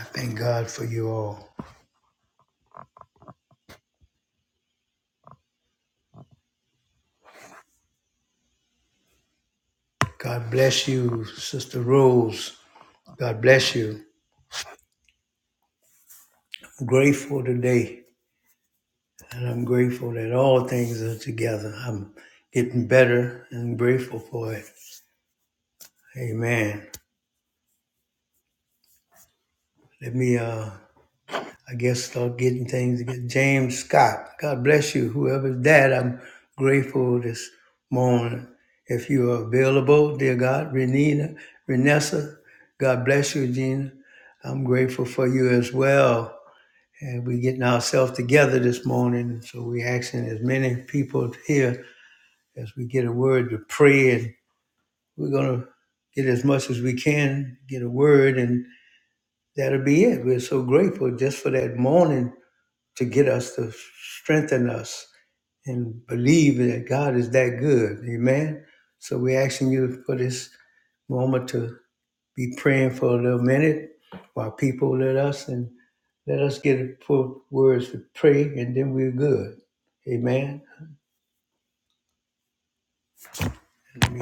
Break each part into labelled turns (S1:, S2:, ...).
S1: I thank God for you all. God bless you, Sister Rose. God bless you. I'm grateful today, and I'm grateful that all things are together. I'm getting better and grateful for it. Amen. Let me uh I guess start getting things James Scott, God bless you. Whoever's that, I'm grateful this morning. If you are available, dear God, Renina, Renessa, God bless you, Gina. I'm grateful for you as well. And we're getting ourselves together this morning. So we're asking as many people here as we get a word to pray. And we're going to get as much as we can, get a word, and that'll be it. We're so grateful just for that morning to get us to strengthen us and believe that God is that good. Amen. So we're asking you for this moment to be praying for a little minute while people let us and let us get it for words to pray and then we're good. Amen. Amen.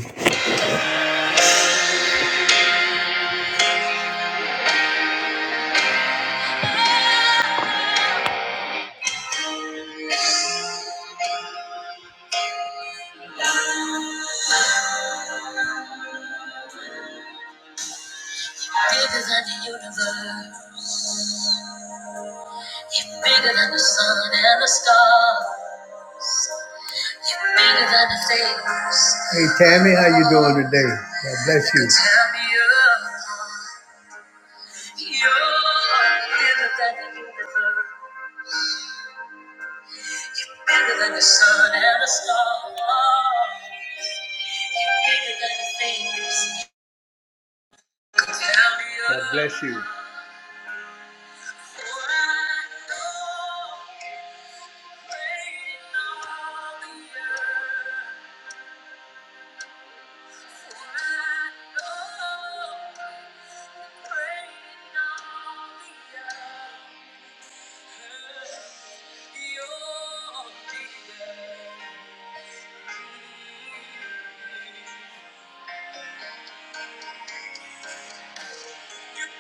S1: Big as the universe, You're bigger than the sun and the stars. You're bigger than the things. Hey Tammy, how you doing today? God bless you. Tammy, you're, you're bigger than the universe, bigger than the sun and the stars. You're bigger than the things. Tammy, you're- God bless you. You're bigger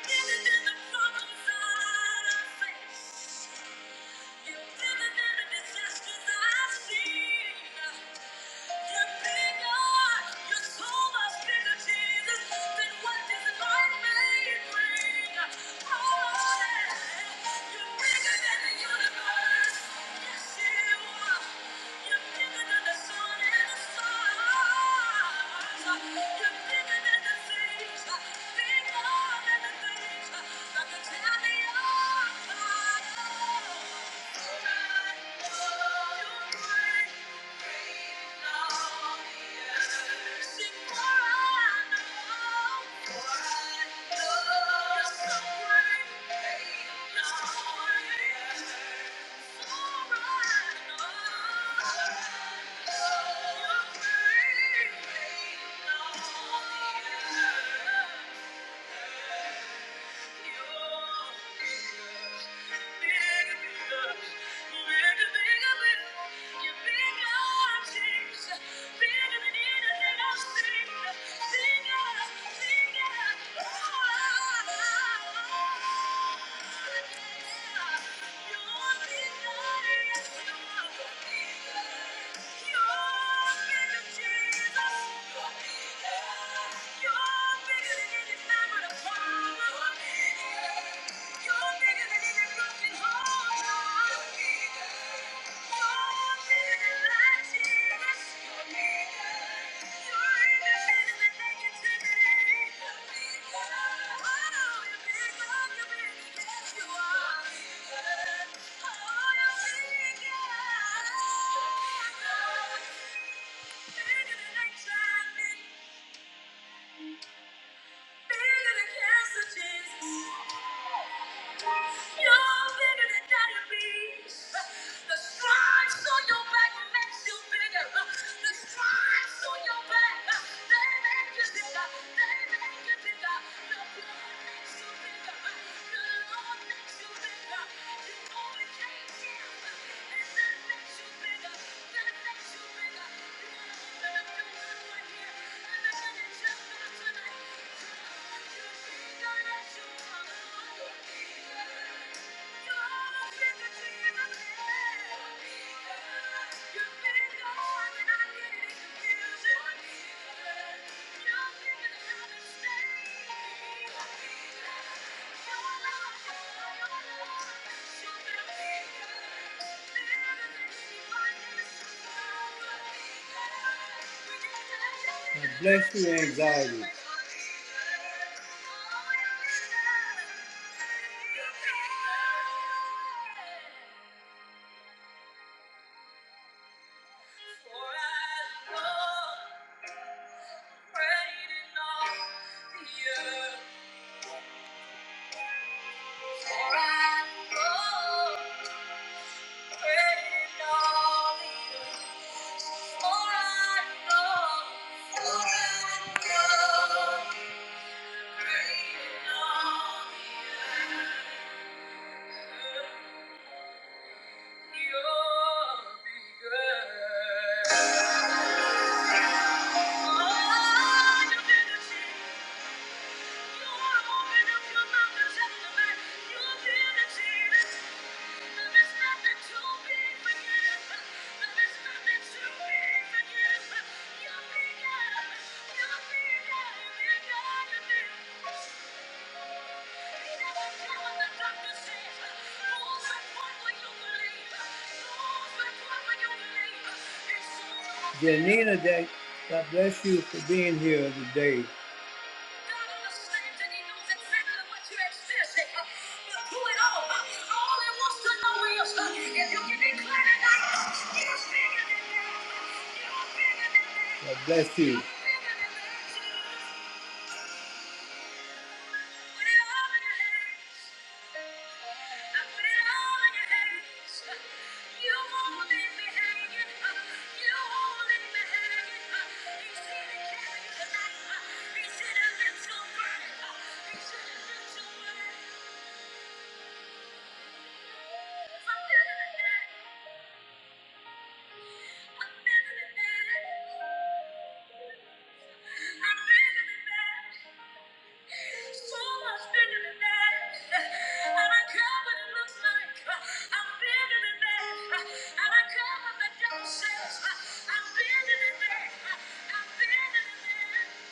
S1: than the problems I face. You're bigger than the things, bigger than the things that the devil. Thank you. You're bigger. you bigger than Oh, Bigger than cancer, Jesus. You're bigger than diabetes. The stripes on your back makes you bigger. The stripes on your back, they make you bigger. They make you bigger. The blood makes you bigger. The Lord makes you bigger. You overcame death, and that makes you bigger. That makes you bigger. You're gonna open up your mouth right here, and they gonna just tonight. Thank you. God Bless you, anxiety. For I you're Oh, Janina, God bless you for being here today. God understands and He knows exactly what you're experiencing. uh, But through it all, uh, all He wants to know is uh, if you can declare tonight, uh, you're bigger than that. uh, You're bigger than that. God bless you. You're bigger than that. Thank you. Anytime,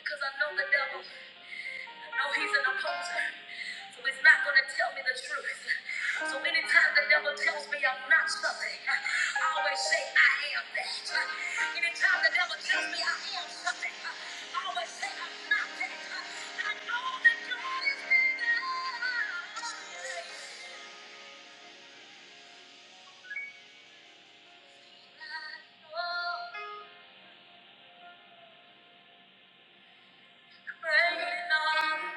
S1: because I know the devil. No, he's an opposer. So he's not going to tell me the truth. So anytime the devil tells me I'm not something, I always say I am that. Anytime the devil tells me I am something, I always say I'm not that. I know that God is bigger. Great and awesome,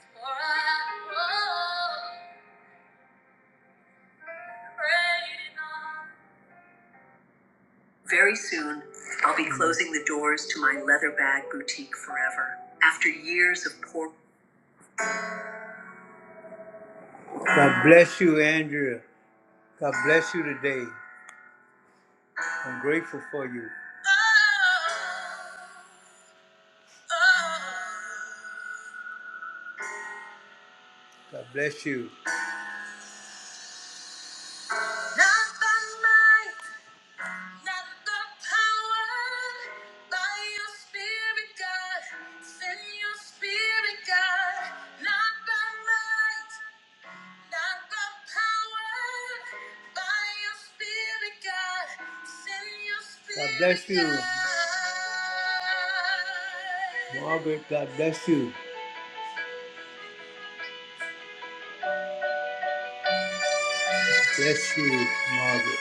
S1: for I know great and Very soon, I'll be closing the doors to my leather bag boutique forever. After years of poor. God bless you, Andrea. God bless you today. I'm grateful for you. God bless you. Not by might, not by power, by your spirit, God. Send your spirit, God. Not by might. God. bless you. Margaret, God bless you. Bless you, Margaret.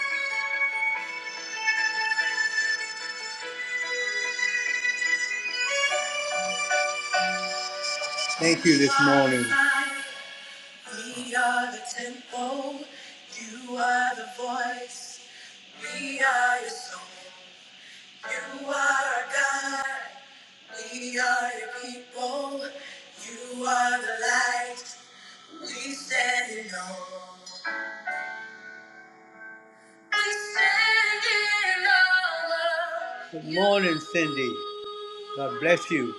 S1: Thank you this morning. We are the temple. You are the voice. We are your song. You are our God. We are your people. You are the light. We stand in awe. Good morning, Cindy. God bless you.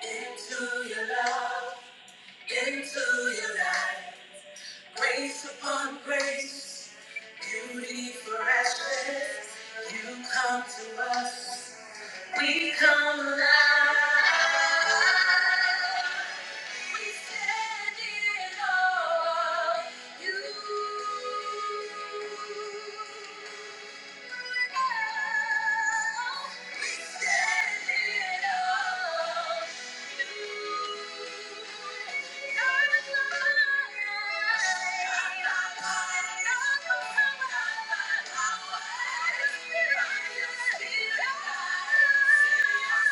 S1: Into your love, into your light, grace upon grace, beauty for ashes, you come to us. We come alive. We stand in awe of you. We stand in awe of you. You're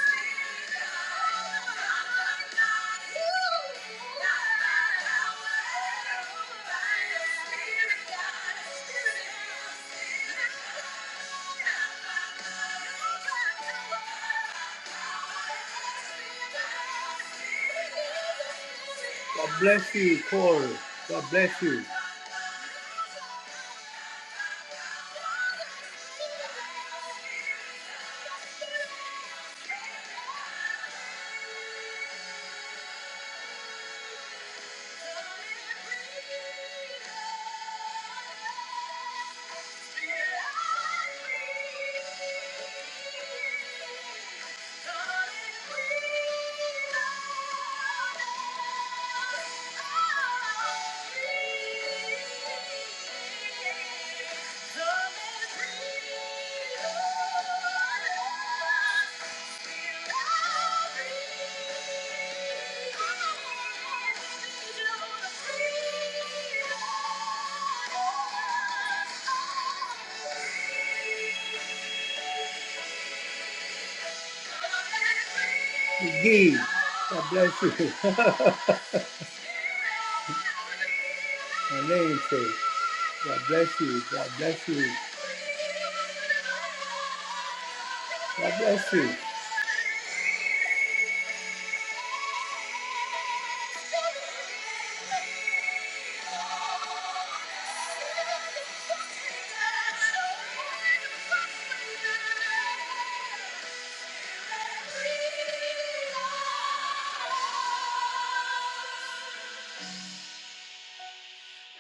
S1: the light. God bless you, Paul. God bless you. Gee, God bless you. My name says, God bless you, God bless you, God bless you.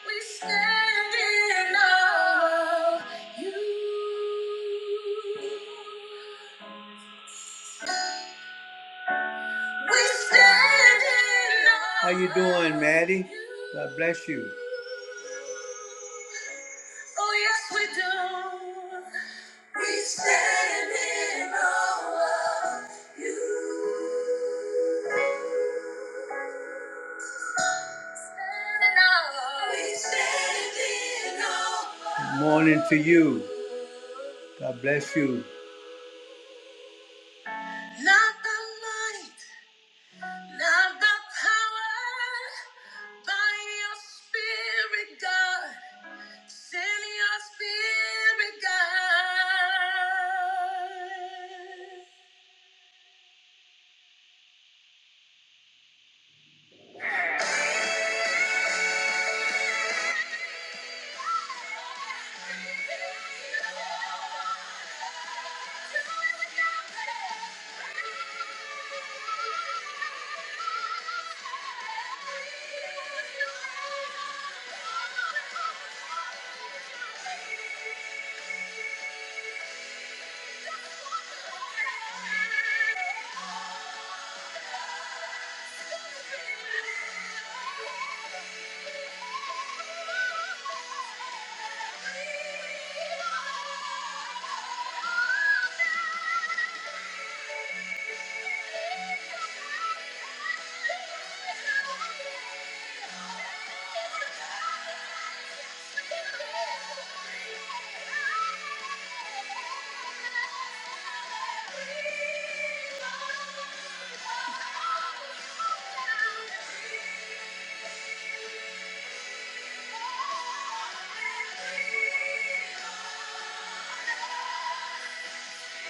S1: We stand in awe of you. We stand in awe How you doing, Maddie? God bless you. Oh yes, we do. We stand in awe of you. We stand in awe of Morning to you. God bless you. Not the might, not the power, by your spirit, God. Send your spirit, God.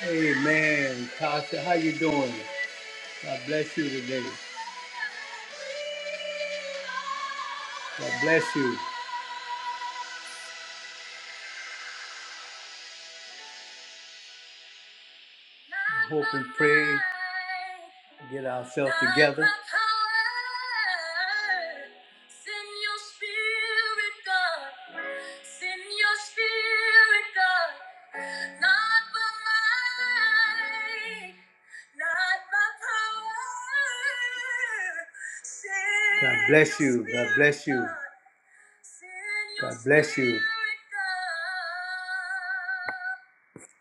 S1: Hey man, Pastor, how you doing? God bless you today. God bless you. and hope and pray, get ourselves together. God bless you. God bless you. God bless you.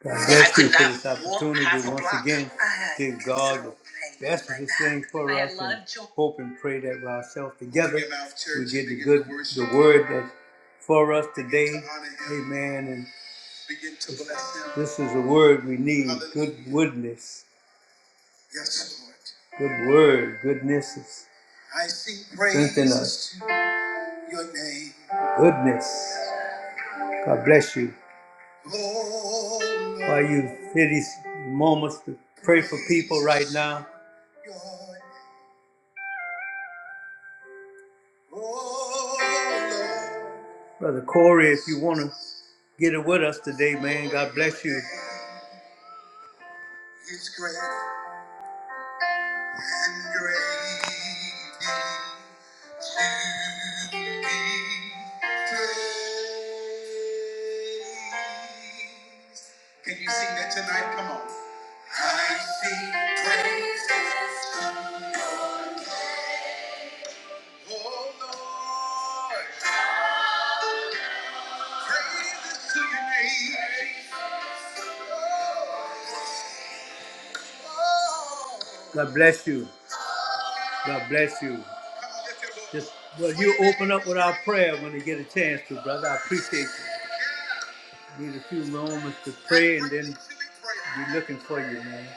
S1: God bless you for this opportunity once again. Give God the best of His thing for us and hope and pray that we ourselves together we get the good, the word that's for us today. Amen. And this is the word we need good woodness. Good word, goodnesses. Strengthen us. Goodness. God bless you. Why you hear these moments to pray for people right now, Brother Corey, if you want to get it with us today, man, God bless you. His grace and greatly to be praised. Can you sing that tonight? Come on. I sing praises. Oh, Lord. Oh. God bless you. God bless you. Just well, you open up with our prayer when you get a chance to, brother. I appreciate you. Need a few moments to pray and then we're looking for you, man.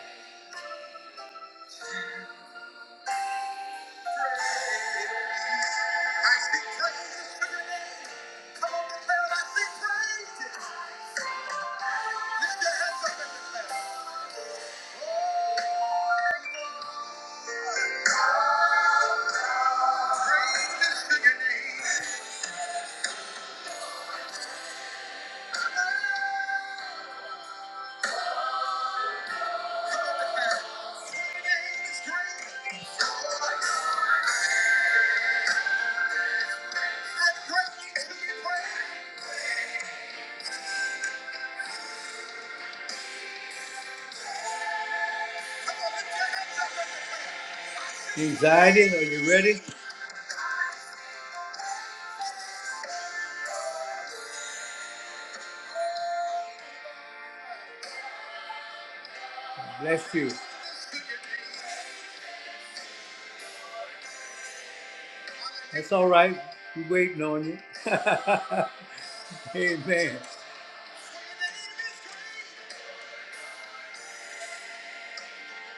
S1: Anxiety, are you ready? Bless you. That's all right. We waiting on you. Amen.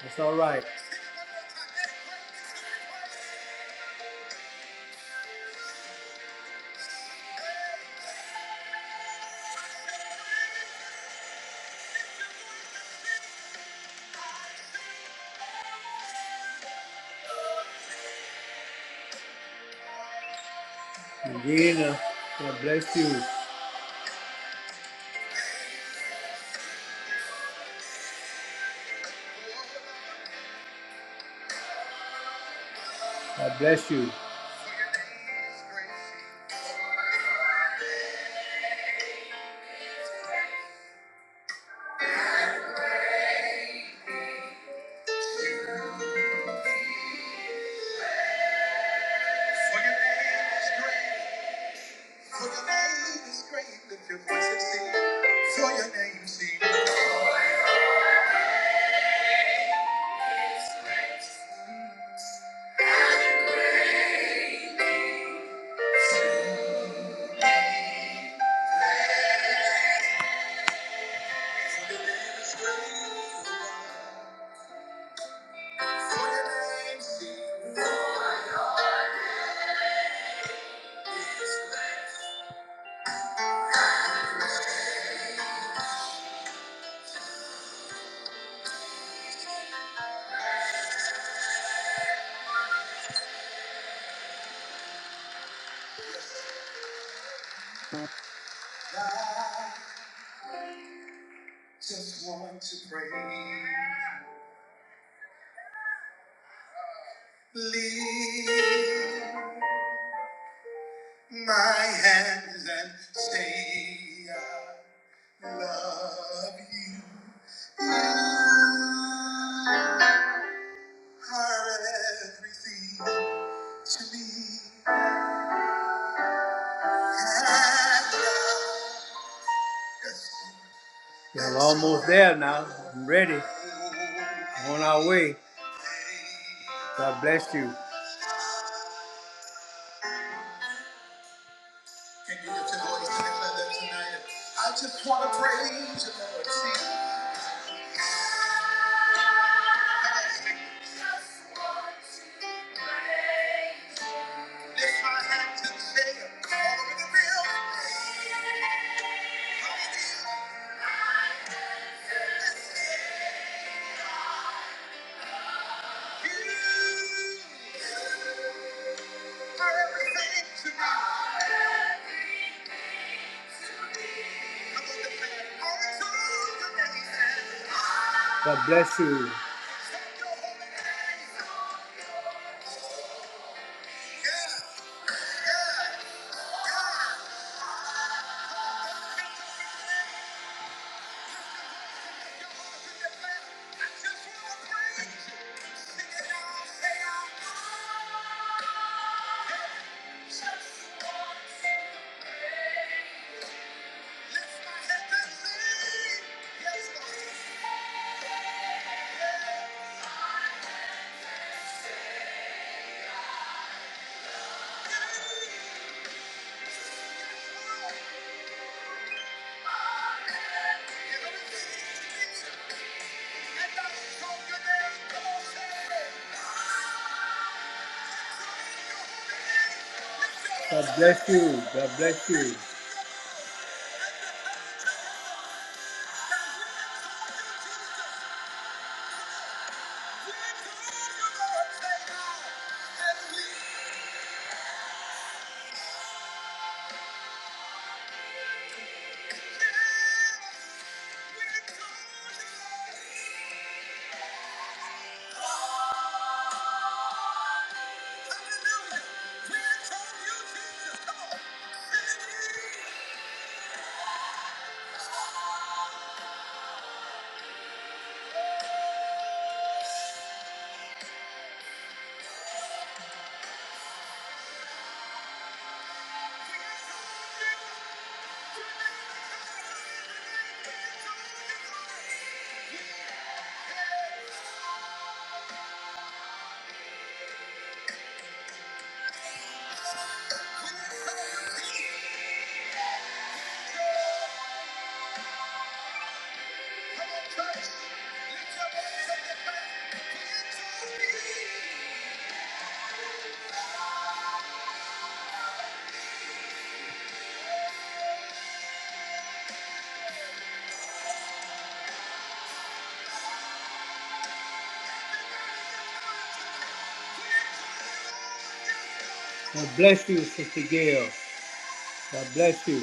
S1: That's all right. And then, uh, God bless you. God bless you. For your name is great. For your name is great. Lift your voice and sing. For your name, sing. I just want to pray. Lift my hands and say I love you. You are everything to me. And I just Y'all almost there now. I'm ready. I'm On our way. God bless you. Can you lift your voice and declare that tonight? I just want to praise you, Lord. See, lift my hands and say, all over the building. Hallelujah. You are everything to me. God bless you. God bless you. God bless you. God bless you, Sister Gail. God bless you.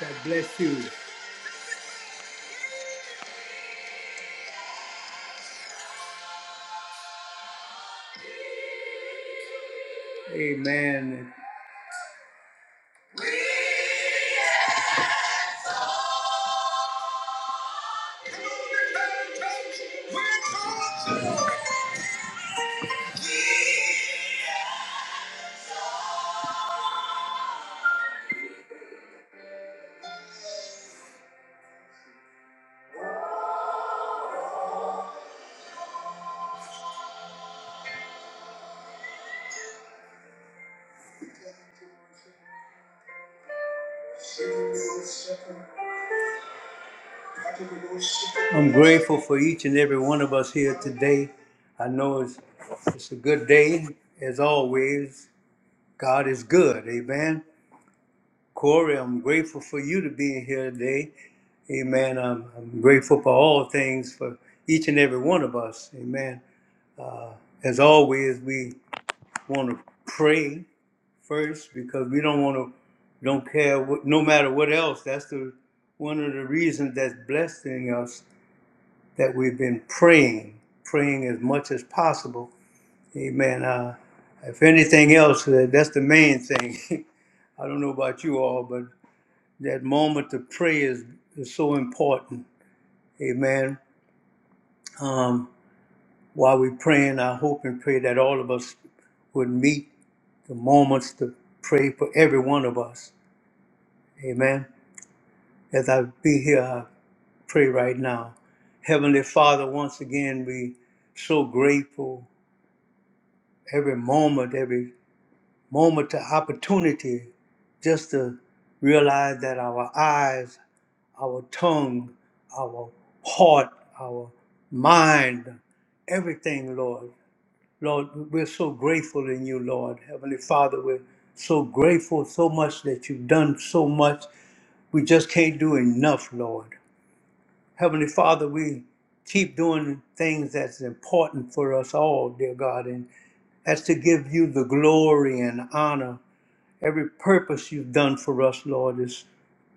S1: God bless you. Amen. I'm grateful for each and every one of us here today. I know it's, it's a good day, as always. God is good, amen. Corey, I'm grateful for you to be here today, amen. I'm, I'm grateful for all things for each and every one of us, amen. As always, we want to pray first because we don't want to, don't care, what, no matter what else. That's the one of the reasons that's blessing us that we've been praying, praying as much as possible. Amen. Uh, if anything else, uh, that's the main thing. I don't know about you all, but that moment to pray is, is so important. Amen. Um, while we're praying, I hope and pray that all of us would meet the moments to pray for every one of us. Amen. As I be here, I pray right now. Heavenly Father, once again, we so grateful every moment, every moment of opportunity just to realize that our eyes, our tongue, our heart, our mind, everything, Lord. Lord, we're so grateful in you, Lord. Heavenly Father, we're so grateful so much that you've done so much. We just can't do enough, Lord. Heavenly Father, we keep doing things that's important for us all, dear God, and that's to give you the glory and honor every purpose you've done for us, Lord, is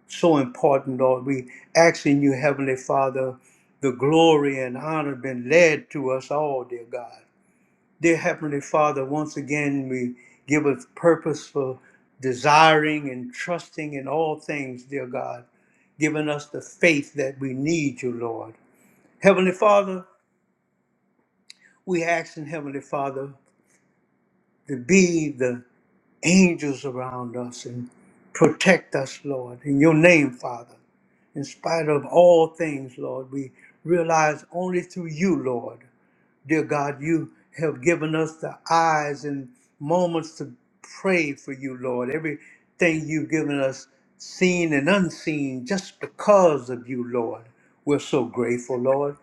S1: so important, Lord. We asking you, Heavenly Father, the glory and honor been led to us all, dear God. Dear Heavenly Father, once again we give us purpose for desiring and trusting in all things, dear God, giving us the faith that we need you, Lord. Heavenly Father, we ask in Heavenly Father to be the angels around us and protect us, Lord, in your name, Father. In spite of all things, Lord, we realize only through you, Lord. Dear God, you have given us the eyes and moments to pray for you, Lord. Everything you've given us, seen and unseen, just because of you, Lord. We're so grateful, Lord.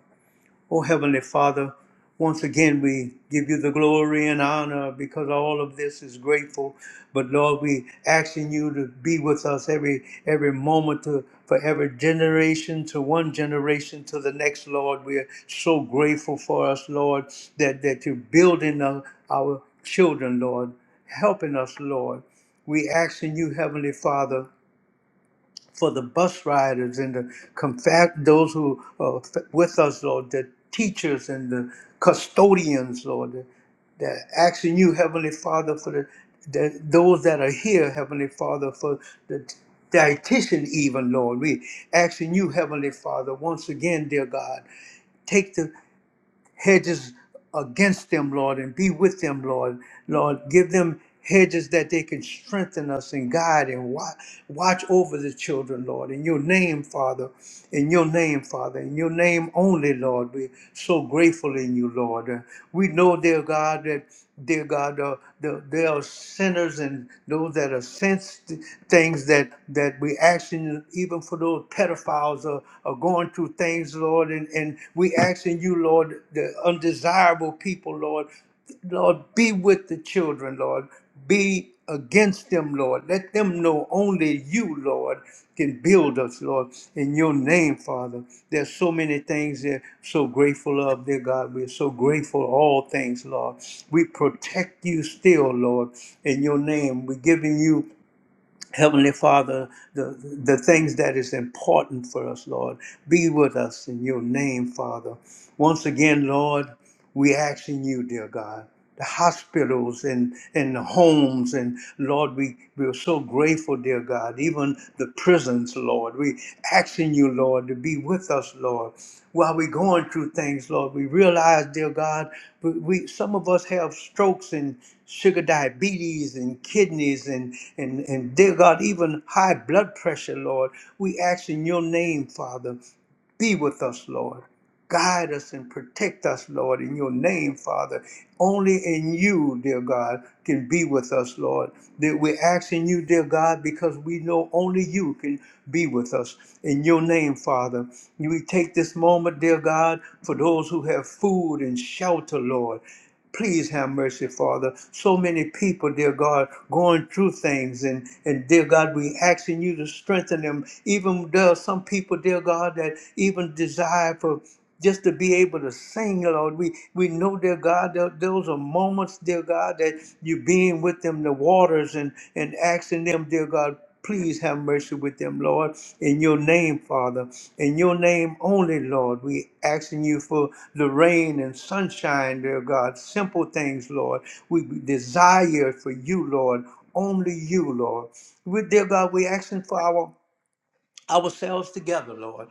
S1: Oh, Heavenly Father, once again we give you the glory and honor because all of this is grateful. But Lord, we asking you to be with us every every moment to for every generation to one generation to the next, Lord. We are so grateful for us, Lord, that, that you're building our, our children, Lord, helping us, Lord. We asking you, Heavenly Father, for the bus riders and the confa- those who are f- with us, Lord, the teachers and the custodians, Lord, that that asking you, Heavenly Father, for the, the those that are here, Heavenly Father, for the dietitian even, Lord. We asking you, Heavenly Father, once again, dear God, take the hedges against them, Lord, and be with them, Lord. Lord, give them hedges that they can strengthen us and guide and watch, watch over the children, Lord. In your name, Father, in your name, Father, in your name only, Lord, we're so grateful in you, Lord. Uh, We know, dear God, that, dear God, uh, the, there are sinners and those that are sensed things that, that we asking, even for those pedophiles are, are going through things, Lord, and, and we asking you, Lord, the undesirable people, Lord, Lord, be with the children, Lord. Be against them, Lord. Let them know only you, Lord, can build us, Lord, in your name, Father. There's so many things they're so grateful of, dear God. We're so grateful for all things, Lord. We protect you still, Lord, in your name. We're giving you Heavenly Father, the, the things that is important for us, Lord, be with us in your name, Father. Once again, Lord, we asking you, dear God, the hospitals and, and the homes, and Lord, we, we are so grateful, dear God, even the prisons, Lord. We asking you, Lord, to be with us, Lord. While we're going through things, Lord, we realize, dear God, we, we some of us have strokes and sugar diabetes and kidneys and, and, and dear God, even high blood pressure, Lord. We ask in your name, Father, be with us, Lord. Guide us and protect us, Lord, in your name, Father. Only in you, dear God, can be with us, Lord. That we're asking you, dear God, because we know only you can be with us. In your name, Father, we take this moment, dear God, for those who have food and shelter, Lord. Please have mercy, Father. So many people, dear God, going through things, and, and dear God, we asking you to strengthen them. Even there are some people, dear God, that even desire for just to be able to sing, Lord. We we know, dear God, that those are moments, dear God, that you being with them, the waters, and and asking them, dear God, please have mercy with them, Lord. In your name, Father, in your name only, Lord, we asking you for the rain and sunshine, dear God, simple things, Lord. We desire for you, Lord, only you, Lord. We, dear God, we're asking for our ourselves together, Lord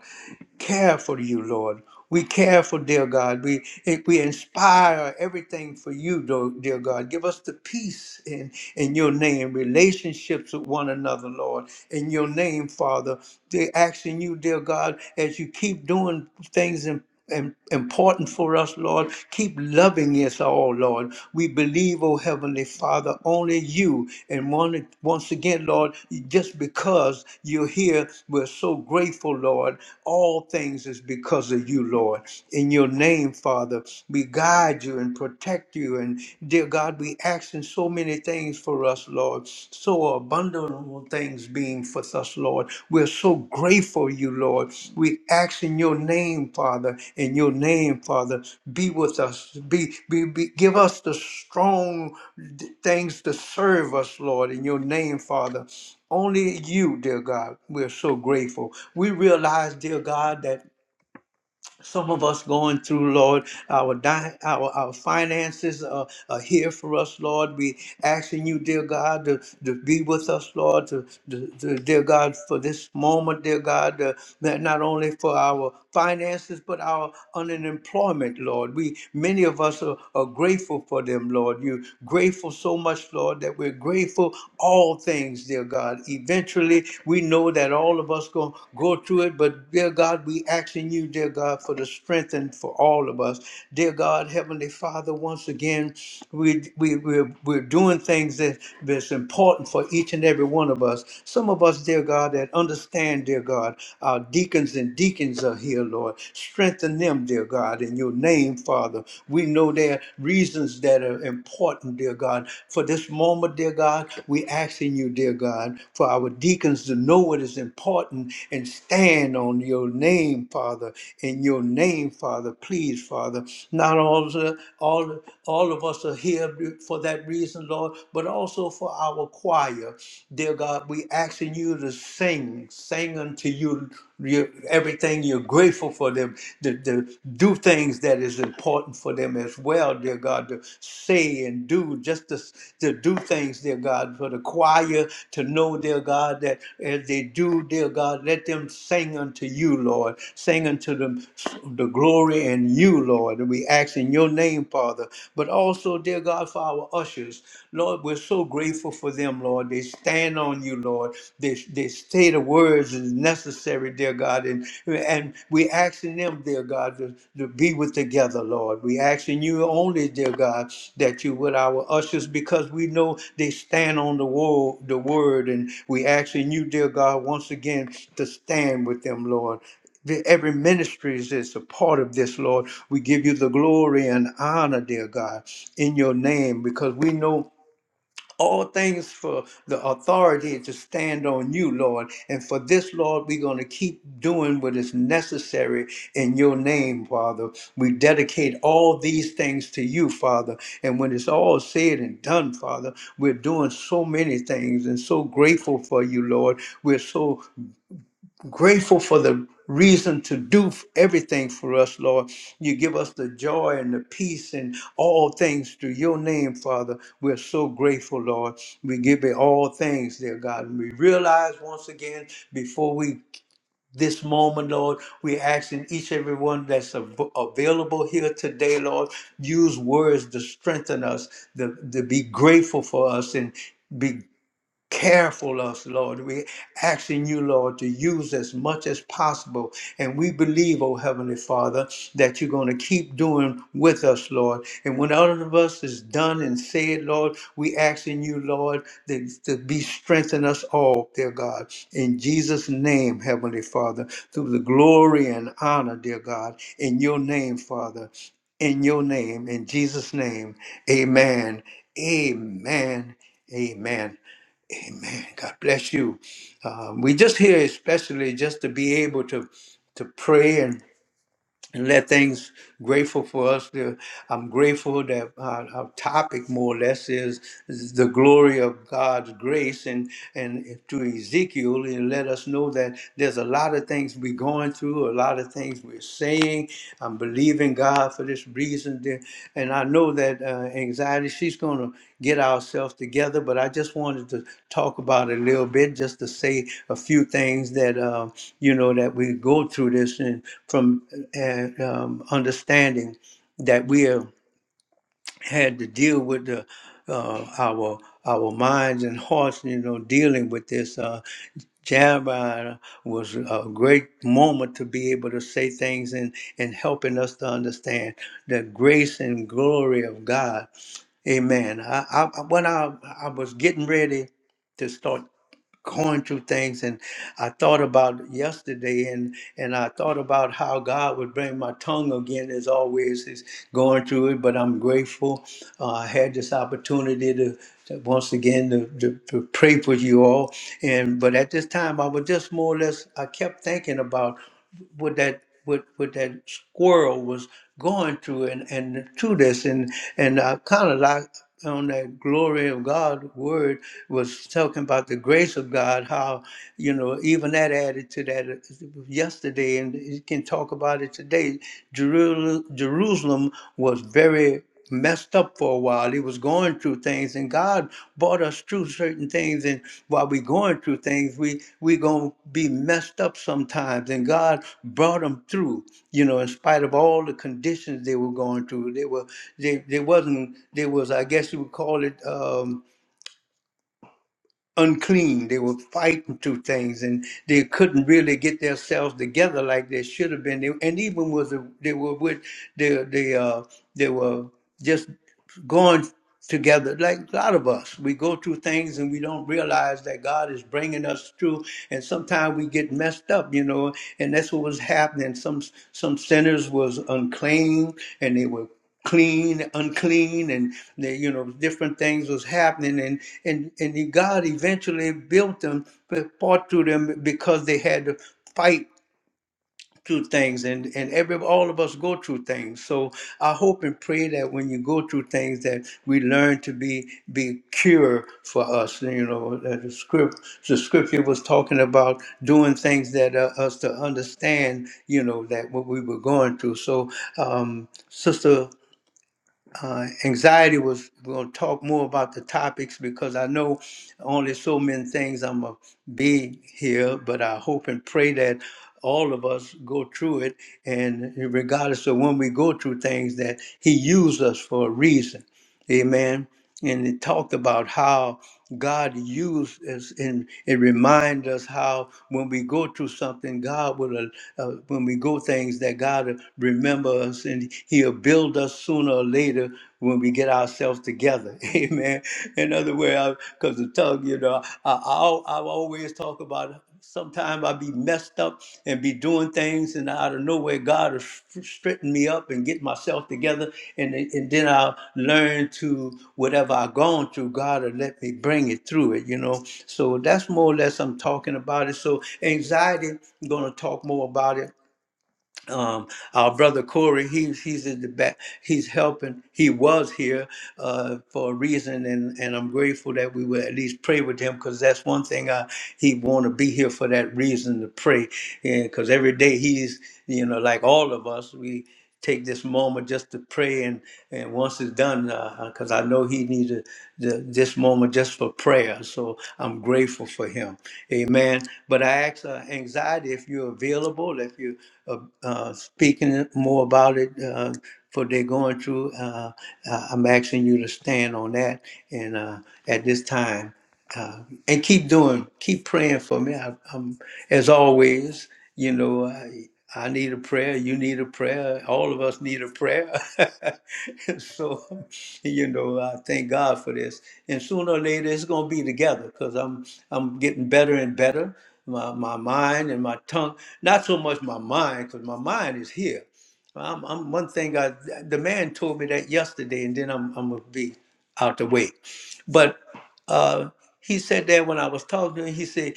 S1: care for you, Lord. We care for, dear God. We we inspire everything for you, do- dear God. Give us the peace in, in your name, relationships with one another, Lord. In your name, Father. They're asking you, dear God, as you keep doing things in and important for us, Lord. Keep loving us all, Lord. We believe, oh Heavenly Father, only you. And one, once again, Lord, just because you're here, we're so grateful, Lord. All things is because of you, Lord. In your name, Father, we guide you and protect you. And dear God, we ask in so many things for us, Lord. So abundant things being for us, Lord. We're so grateful, you Lord. We ask in your name, Father, in your name, Father, be with us. Be, be, be give us the strong d- things to serve us, Lord, in your name, Father. Only you, dear God, we're so grateful. We realize, dear God, that some of us going through, Lord, our di- our our finances are, are here for us, Lord. We asking you, dear God, to, to be with us, Lord, to, to, to- dear God, for this moment, dear God, uh, that not only for our finances but our unemployment and employment, Lord. We many of us are, are grateful for them, Lord. You're grateful so much, Lord, that we're grateful all things, dear God. Eventually, we know that all of us gonna go through it, but dear God, we asking you, dear God, for the strength and for all of us, dear God, Heavenly Father, once again we, we, we're, we're doing things that, that's important for each and every one of us. Some of us, dear God, that understand, dear God, our deacons and deacons are here, Lord. Strengthen them, dear God, in your name, Father. We know there are reasons that are important, dear God. For this moment, dear God, we asking you, dear God, for our deacons to know what is important and stand on your name, Father, in your name, Father. Please, Father. Not all of, all, all of us are here for that reason, Lord, but also for our choir. Dear God, we asking you to sing, sing unto you your, everything you're grateful for them, to, to do things that is important for them as well, dear God, to say and do, just to, to do things, dear God, for the choir to know know, dear God, that as they do, dear God, let them sing unto you, Lord. Sing unto them the glory in you, Lord. And we ask in your name, Father. But also, dear God, for our ushers, Lord, we're so grateful for them, Lord. They stand on you, Lord. They, they say the words as necessary, dear God. And. And we asking them, dear God, to, to be with together, Lord. We asking you only, dear God, that you would our ushers because we know they stand on the word, the word. And we asking you, dear God, once again to stand with them, Lord the- every ministry is is a part of this, Lord. We give you the glory and honor, dear God, in your name, because we know all things for the authority to stand on you, Lord. And for this, Lord, we're going to keep doing what is necessary in your name, Father. We dedicate all these things to you, Father. And when it's all said and done, Father, we're doing so many things and so grateful for you, Lord. We're so grateful for the reason to do everything for us, Lord. You give us the joy and the peace and all things through your name, Father. We're so grateful, Lord. We give you all things, dear God. And we realize once again before we this moment, Lord, we're asking each and everyone that's av- available here today, Lord, use words to strengthen us, to, to be grateful for us and be careful us, Lord. We're asking you, Lord, to use as much as possible. And we believe, oh Heavenly Father, that you're going to keep doing with us, Lord. And when all of us is done and said, Lord, we asking you, Lord, that to be strengthen us all, dear God. In Jesus' name, Heavenly Father, through the glory and honor, dear God, in your name, Father. In your name, in Jesus' name, amen. Amen. Amen. Amen. God bless you. Um, we just here especially just to be able to to pray and and let things grateful for us. To, I'm grateful that uh, our topic, more or less, is, is the glory of God's grace. And and to Ezekiel, and let us know that there's a lot of things we're going through, a lot of things we're saying. I'm believing God for this reason, that- and I know that uh, anxiety. She's going to get ourselves together, but I just wanted to talk about it a little bit, just to say a few things that uh, you know that we go through this, from uh, um, understanding that we have had to deal with the uh, our our minds and hearts, you know, dealing with this. Uh, Jabba was a great moment to be able to say things and and helping us to understand the grace and glory of God. Amen. I, I when I I was getting ready to start going through things and I thought about yesterday and and I thought about how God would bring my tongue again as always is going through it but I'm grateful uh, I had this opportunity to, to once again to, to, to pray for you all and but at this time I was just more or less I kept thinking about what that what what that squirrel was going through and and to this and and I kind of like on that glory of God word was talking about the grace of God, how you know even that added to that uh, yesterday, and you can talk about it today. Jeru- Jerusalem was very messed up for a while. It was going through things things and God brought us through certain things and while we're going through things we we gonna be messed up sometimes and God brought them through you know in spite of all the conditions they were going through they were they they wasn't they was I guess you would call it um unclean they were fighting through things and they couldn't really get themselves together like they should have been They- and even was they were with the the uh they were just going together like a lot of us we go through things and we don't realize that god is bringing us through and sometimes we get messed up you know and that's what was happening some some sinners was unclean and they were clean unclean and they, you know different things was happening and and and god eventually built them but fought through them because they had to fight through things and and every all of us go through things so i hope and pray that when you go through things that we learn to be be cure for us you know that the script the scripture was talking about doing things that uh, us to understand you know that what we were going through so um sister uh, anxiety was we are gonna talk more about the topics because I know only so many things I'm gonna be here, but I hope and pray that all of us go through it and regardless of when we go through things that he used us for a reason. Amen. And it talked about how God used us and it reminds us how when we go through something, God will, uh, uh, when we go things that God will remember us and he'll build us sooner or later when we get ourselves together. Amen. In other words, because the tongue, you know, I, I, al- I always talk about sometimes I be messed up and be doing things, and out of nowhere, God will st- straighten me up and get myself together, and, then- and then I'll learn to whatever I've gone through, God will let me bring it through it, you know. So that's more or less I'm talking about it. So anxiety, I'm going to talk more about it um, our brother Corey, he's he's in the back. He's helping. He was here uh, for a reason, and and I'm grateful that we would at least pray with him because that's one thing I he want to be here for that reason to pray, and because every day he's you know like all of us we take this moment just to pray and and once it's done because i know he needs a, the, this moment just for prayer so i'm grateful for him amen but i ask uh, anxiety if you're available if you uh, uh, speaking more about it uh, for they're going through. Uh, uh, I'm asking you to stand on that and uh, at this time uh, and keep doing, keep praying for me. I, I'm, as always, you know, I, I need a prayer. You need a prayer. All of us need a prayer. so, you know, I thank God for this. And sooner or later, it's going to be together because I'm I'm getting better and better my, my mind and my tongue. Not so much my mind, because my mind is here. I'm, I'm one thing. I the man told me that yesterday, and then I'm I'm gonna be out the way. But uh, he said that when I was talking to him, he said,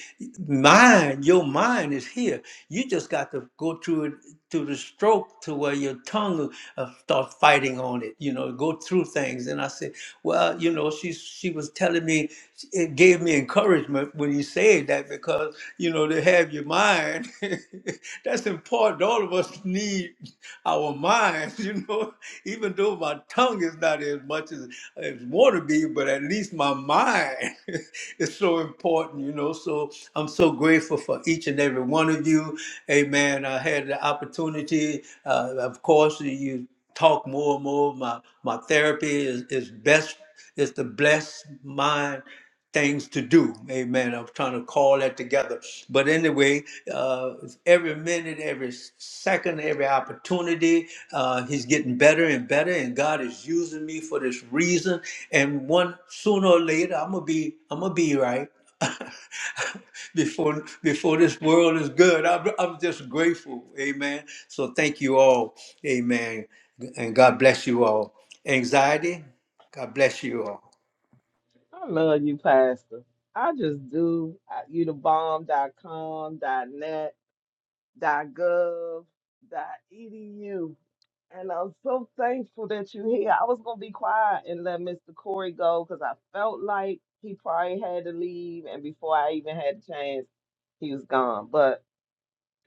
S1: "Mind, your mind is here. You just got to go through it through the stroke to where your tongue uh, start fighting on it. You know, go through things." And I said, "Well, you know, she she was telling me, it gave me encouragement when you said that because." you know, to have your mind. That's important. All of us need our minds, you know, even though my tongue is not as much as, as want to be, but at least my mind. it's so important, you know. So I'm so grateful for each and every one of you. Amen. I had the opportunity, uh, of course, you talk more and more. My my therapy is, is best is the blessed mind things to do. Amen. I'm trying to call that together. But anyway, uh, every minute, every every second, every opportunity. Uh, he's getting better and better, and God is using me for this reason. And one sooner or later, I'm gonna be, I'm gonna be right. before before this world is good, I'm, I'm just grateful. Amen. So thank you all. Amen. And God bless you all. Anxiety. God bless you all.
S2: I love you, Pastor. I just do. I, you the bomb. Dot com. Dot net. Dot gov. Dot edu. And I'm so thankful that you're here. I was gonna be quiet and let Mr. Corey go because I felt like he probably had to leave, and before I even had a chance, he was gone. But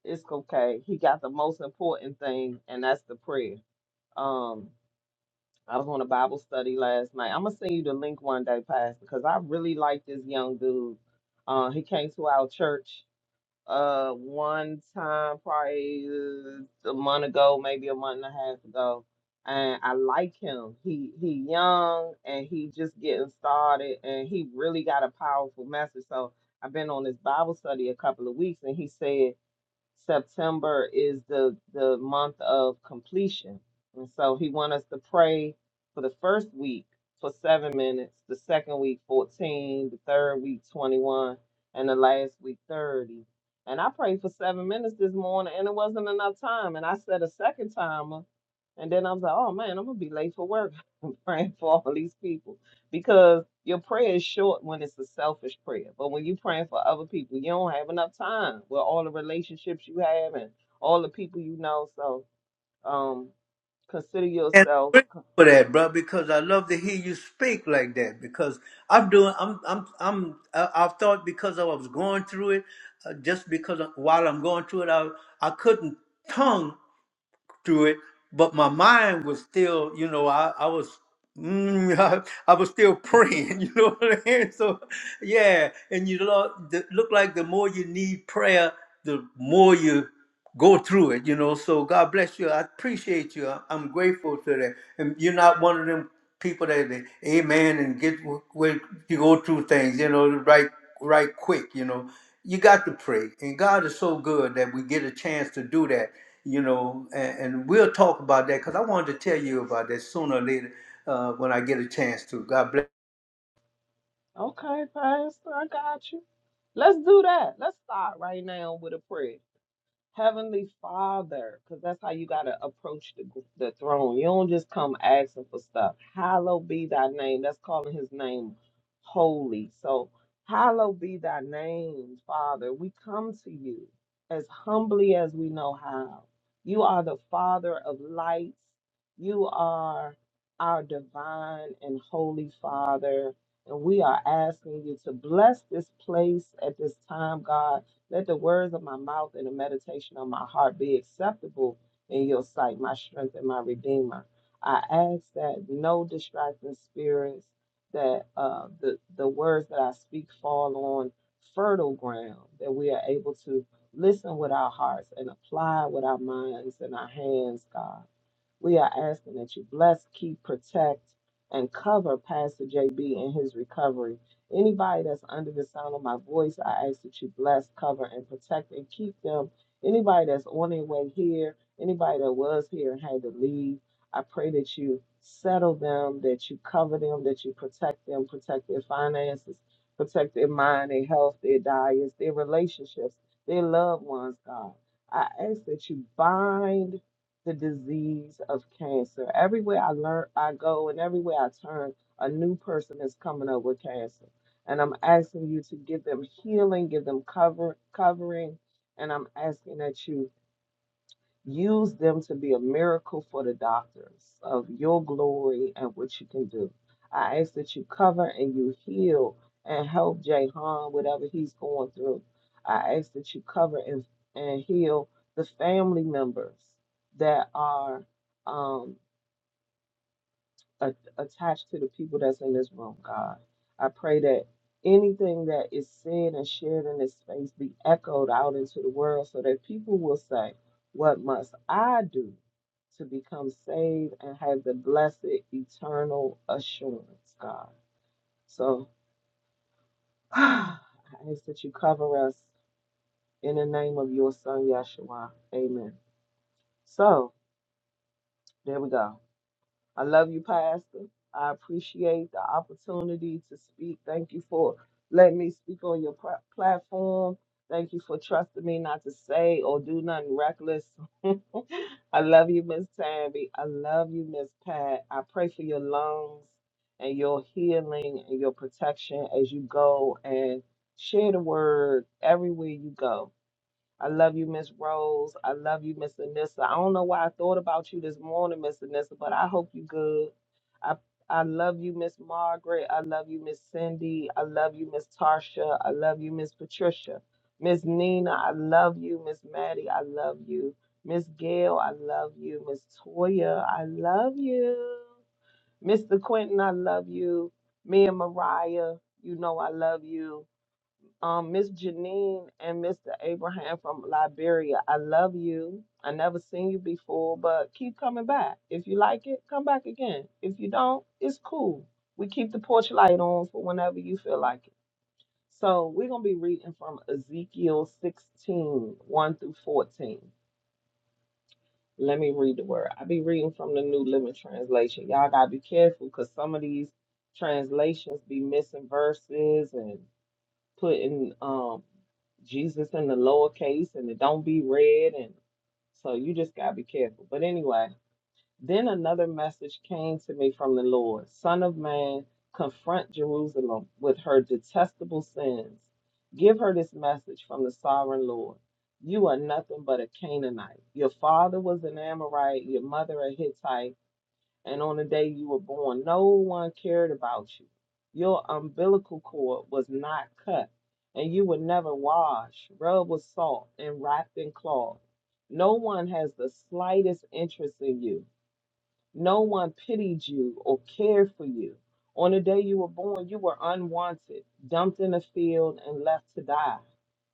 S2: it's okay. He got the most important thing, and that's the prayer. Um, I was on a Bible study last night. I'm gonna send you the link one day, Pastor, because I really like this young dude. Uh, he came to our church uh one time, probably uh, a month ago, maybe a month and a half ago, and I like him. He he young and he just getting started, and he really got a powerful message. So I've been on this Bible study a couple of weeks, and he said September is the the month of completion. And so he wants us to pray for the first week for seven minutes, the second week 14, the third week 21, and the last week 30. And I prayed for seven minutes this morning and it wasn't enough time. And I set a second timer. And then I was like, oh man, I'm gonna be late for work. I'm praying for all these people because your prayer is short when it's a selfish prayer. But when you're praying for other people, you don't have enough time with all the relationships you have and all the people you know. So um, consider
S1: And I'm
S2: yourself
S1: grateful for that, bro, because I love to hear you speak like that. Because I'm doing, I'm, I'm, I'm. I, I thought because I was going through it, uh, just because while I'm going through it, I, I couldn't tongue through it, but my mind was still, you know, I, I was mm, I, was still praying, you know what I'm So yeah, and you look the, look like the more you need prayer, the more you go through it, you know. So God bless you. I appreciate you. I- I'm grateful to that. And you're not one of them people that they, amen and get wh- where you go through things, you know, right right quick, you know. You got to pray. And God is so good that we get a chance to do that you know, and, and we'll talk about that because I wanted to tell you about that sooner or later uh, when I get a chance to. God bless.
S2: okay, Pastor. I got you. Let's do that. Let's start right now with a prayer. Heavenly Father, because that's how you got to approach the, the throne. You don't just come asking for stuff. Hallowed be thy name. That's calling his name holy. So, hallowed be thy name, Father. We come to you as humbly as we know how. You are the Father of lights. You are our divine and holy Father. And we are asking you to bless this place at this time, God let the words of my mouth and the meditation of my heart be acceptable in your sight, my strength and my redeemer. I ask that no distracting spirits, that uh, the, the words that I speak fall on fertile ground, that we are able to listen with our hearts and apply with our minds and our hands, God we are asking that you bless, keep, protect, and cover Pastor JB in his recovery. Anybody that's under the sound of my voice, I ask that you bless, cover, and protect and keep them. Anybody that's on their way here, anybody that was here and had to leave, I pray that you settle them, that you cover them, that you protect them, protect their finances, protect their mind, their health, their diets, their relationships, their loved ones, God. I ask that you bind the disease of cancer. Everywhere I learn, I go, and everywhere I turn, a new person is coming up with cancer. And I'm asking you to give them healing, give them cover, covering, and I'm asking that you Use them to be a miracle for the doctors of your glory and what you can do. I ask that you cover and you heal and help Jahan, whatever he's going through. I ask that you cover and, and heal the family members that are um, a- attached to the people that's in this room, God. I pray that anything that is said and shared in this space be echoed out into the world so that people will say, What must I do to become saved and have the blessed eternal assurance, God? So I ask that you cover us in the name of your son, Yeshua. Amen. So there we go. I love you, Pastor. I appreciate the opportunity to speak. Thank you for letting me speak on your pla- platform. Thank you for trusting me not to say or do nothing reckless. I love you, Miss Tammy. I love you, Miss Pat. I pray for your lungs and your healing and your protection as you go and share the word everywhere you go I love you, Miss Rose. I love you, Miss Anissa. I don't know why I thought about you this morning, Miss Anissa, but I hope you good. I I love you, Miss Margaret. I love you, Miss Cindy. I love you, Miss Tarsha. I love you, Miss Patricia. Miss Nina, I love you. Miss Maddie, I love you. Miss Gail, I love you. Miss Toya, I love you. Mr. Quentin, I love you. Me and Mariah, you know I love you. Um, Miss Janine and Mr. Abraham from Liberia, I love you. I never seen you before, but keep coming back. If you like it, come back again. If you don't, it's cool. We keep the porch light on for whenever you feel like it. So we're gonna be reading from Ezekiel 16, 1 through 14. Let me read the word. I be reading from the New Living Translation. Y'all gotta be careful because some of these translations be missing verses and putting um Jesus in the lowercase and it don't be read and so you just gotta be careful. But anyway, then another message came to me from the Lord. Son of man, confront Jerusalem with her detestable sins. Give her this message from the sovereign Lord. You are nothing but a Canaanite. Your father was an Amorite, your mother a Hittite and on the day you were born. No one cared about you. Your umbilical cord was not cut, and you were never washed, rubbed with salt, and wrapped in cloth. No one has the slightest interest in you. No one pitied you or cared for you. On the day you were born, you were unwanted, dumped in a field, and left to die.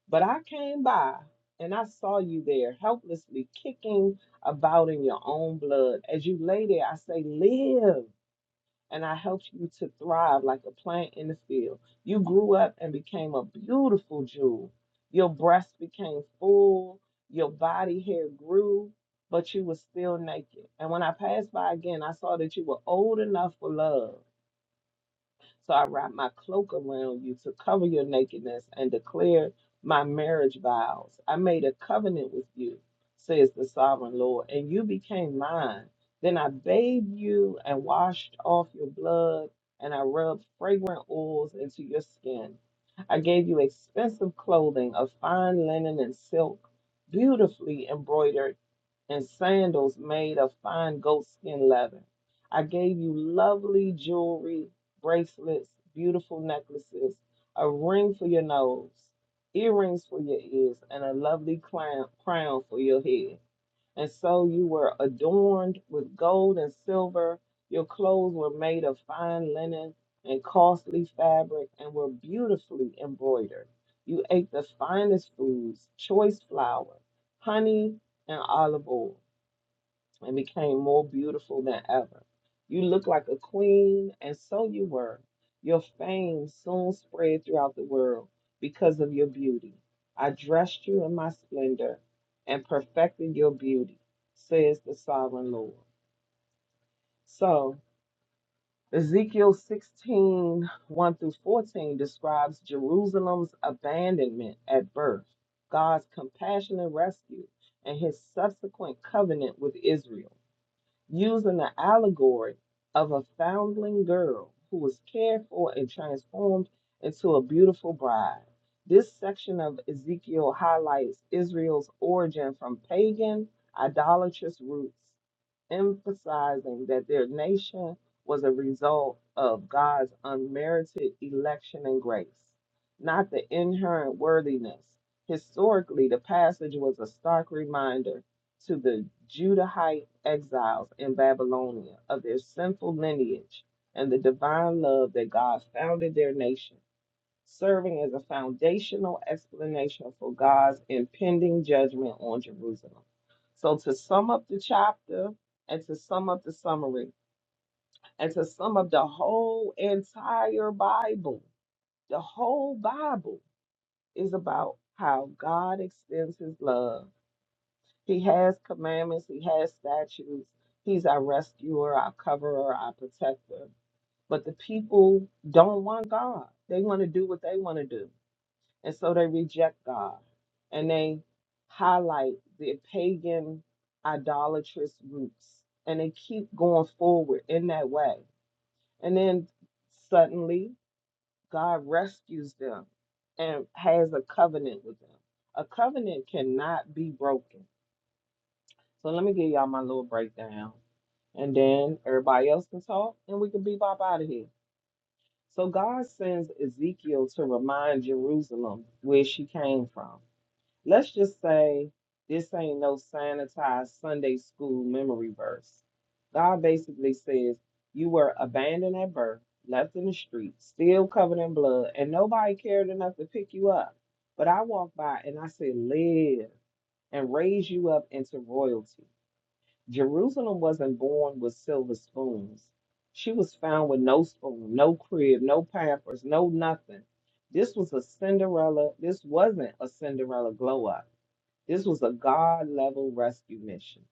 S2: But I came by and I saw you there, helplessly kicking about in your own blood. As you lay there, I say, Live. And I helped you to thrive like a plant in the field. You grew up and became a beautiful jewel. Your breasts became full, your body hair grew, but you were still naked. And when I passed by again, I saw that you were old enough for love. So I wrap my cloak around you to cover your nakedness and declare my marriage vows. I made a covenant with you, says the sovereign Lord, and you became mine. Then I bathed you and washed off your blood, and I rubbed fragrant oils into your skin. I gave you expensive clothing of fine linen and silk, beautifully embroidered and sandals made of fine goatskin leather. I gave you lovely jewelry, bracelets, beautiful necklaces, a ring for your nose, earrings for your ears, and a lovely clown- crown for your head. And so you were adorned with gold and silver. Your clothes were made of fine linen and costly fabric and were beautifully embroidered. You ate the finest foods, choice flour, honey, and olive oil and became more beautiful than ever. You looked like a queen, and so you were. Your fame soon spread throughout the world because of your beauty. I dressed you in my splendor and perfected your beauty, says the sovereign Lord. So, Ezekiel 16 one through 14 describes Jerusalem's abandonment at birth, God's compassionate rescue, and his subsequent covenant with Israel using the allegory of a foundling girl who was cared for and transformed into a beautiful bride. This section of Ezekiel highlights Israel's origin from pagan, idolatrous roots, emphasizing that their nation was a result of God's unmerited election and grace, not the inherent worthiness. Historically, the passage was a stark reminder to the Judahite exiles in Babylonia of their sinful lineage and the divine love that God founded their nation, serving as a foundational explanation for God's impending judgment on Jerusalem. So, to sum up the chapter and to sum up the summary and to sum up the whole entire Bible, the whole Bible is about how God extends his love he has commandments, he has statutes. He's our rescuer, our coverer, our protector. But the people don't want God. They want to do what they want to do. And so they reject God. And they highlight their pagan, idolatrous roots. And they keep going forward in that way. And then suddenly, God rescues them and has a covenant with them. A covenant cannot be broken so let me give y'all my little breakdown. and then everybody else can talk, and we can be bop out of here. So God sends Ezekiel to remind Jerusalem where she came from. Let's just say this ain't no sanitized Sunday school memory verse. God basically says, You were abandoned at birth, left in the street, still covered in blood, and nobody cared enough to pick you up. But I walked by and I said, Live and raise you up into royalty. Jerusalem wasn't born with silver spoons. She was found with no spoon, no crib, no pampers, no nothing. This was a Cinderella. This wasn't a Cinderella glow up. This was a God level rescue mission.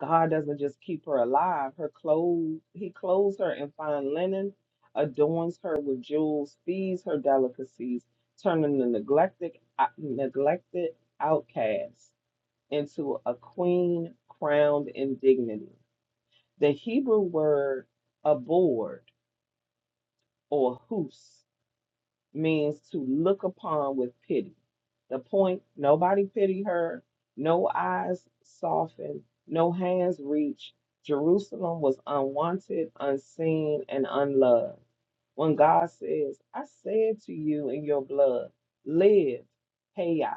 S2: God doesn't just keep her alive. Her clothes, He clothes her in fine linen, adorns her with jewels, feeds her delicacies, turning the neglected, uh, neglected outcast into a queen crowned in dignity. The Hebrew word aboard or hus means to look upon with pity. The point nobody pitied her, no eyes softened, no hands reached. Jerusalem was unwanted, unseen, and unloved. When God says, I said to you in your blood, live, hey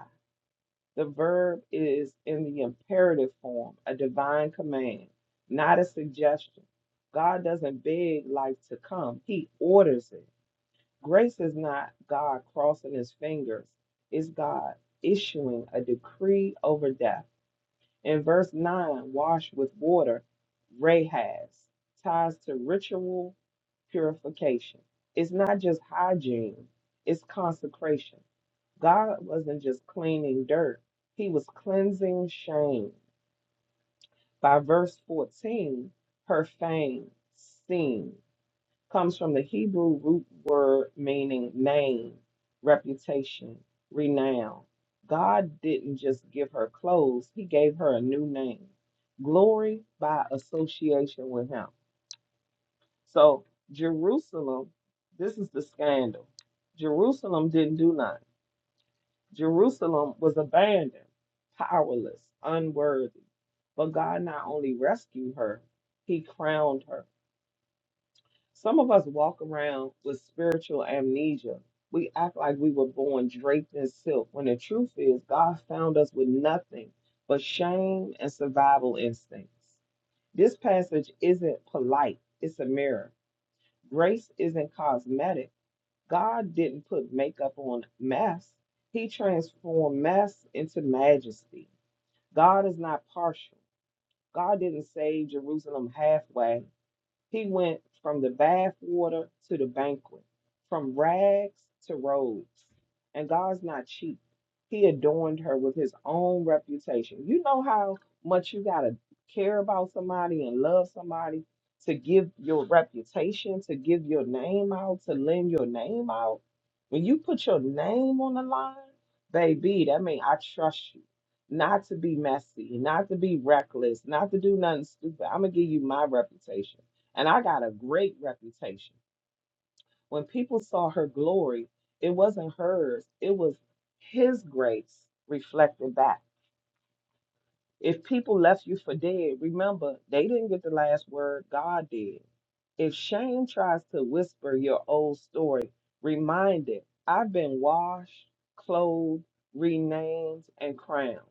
S2: the verb is in the imperative form, a divine command, not a suggestion. God doesn't beg life to come, He orders it. Grace is not God crossing His fingers, it's God issuing a decree over death. In verse 9, wash with water, Rahaz, ties to ritual purification. It's not just hygiene, it's consecration. God wasn't just cleaning dirt, he was cleansing shame. By verse 14, her fame, seen, comes from the Hebrew root word meaning name, reputation, renown. God didn't just give her clothes, he gave her a new name, glory by association with him. So, Jerusalem, this is the scandal. Jerusalem didn't do nothing. Jerusalem was abandoned, powerless, unworthy. But God not only rescued her, He crowned her. Some of us walk around with spiritual amnesia. We act like we were born draped in silk, when the truth is, God found us with nothing but shame and survival instincts. This passage isn't polite, it's a mirror. Grace isn't cosmetic, God didn't put makeup on mess. He transformed mess into majesty. God is not partial. God didn't save Jerusalem halfway. He went from the bath water to the banquet, from rags to robes. And God's not cheap. He adorned her with his own reputation. You know how much you got to care about somebody and love somebody to give your reputation, to give your name out, to lend your name out? When you put your name on the line, baby, that means I trust you. Not to be messy, not to be reckless, not to do nothing stupid. I'm going to give you my reputation and I got a great reputation. When people saw her glory, it wasn't hers, it was his grace reflected back. If people left you for dead, remember, they didn't get the last word, God did. If shame tries to whisper your old story, remind it I've been washed, clothed, renamed, and crowned.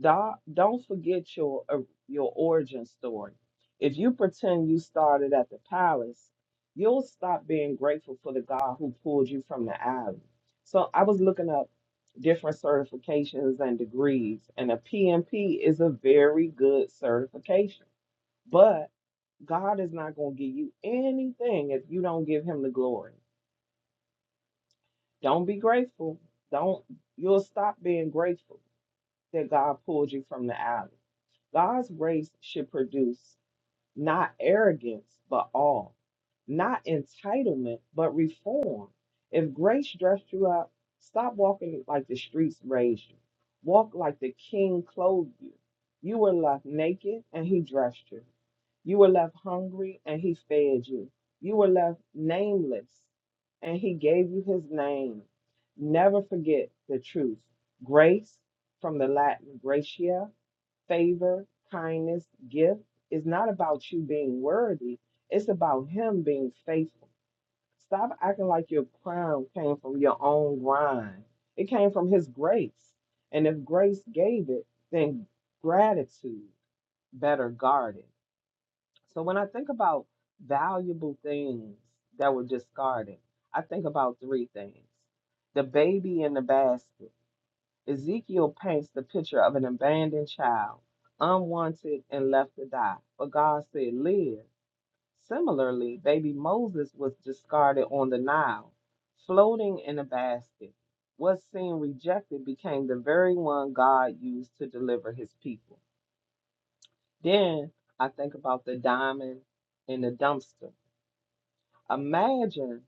S2: Don't don't forget your uh, your origin story. If you pretend you started at the palace, you'll stop being grateful for the God who pulled you from the alley. So I was looking up different certifications and degrees, and a PMP is a very good certification. But God is not going to give you anything if you don't give Him the glory. Don't be grateful. Don't you'll stop being grateful that God pulled you from the alley. God's grace should produce not arrogance, but awe, not entitlement, but reform. If grace dressed you up, stop walking like the streets raised you. Walk like the king clothed you. You were left naked, and he dressed you. You were left hungry, and he fed you. You were left nameless, and he gave you his name. Never forget the truth. Grace, from the Latin gratia, favor, kindness, gift is not about you being worthy. It's about him being faithful. Stop acting like your crown came from your own grind. It came from his grace. And if grace gave it, then gratitude better guarded. So when I think about valuable things that were discarded, I think about three things. The baby in the basket Ezekiel paints the picture of an abandoned child, unwanted and left to die. But God said, Live. Similarly, baby Moses was discarded on the Nile, floating in a basket. What seemed rejected became the very one God used to deliver his people. Then I think about the diamond in the dumpster. Imagine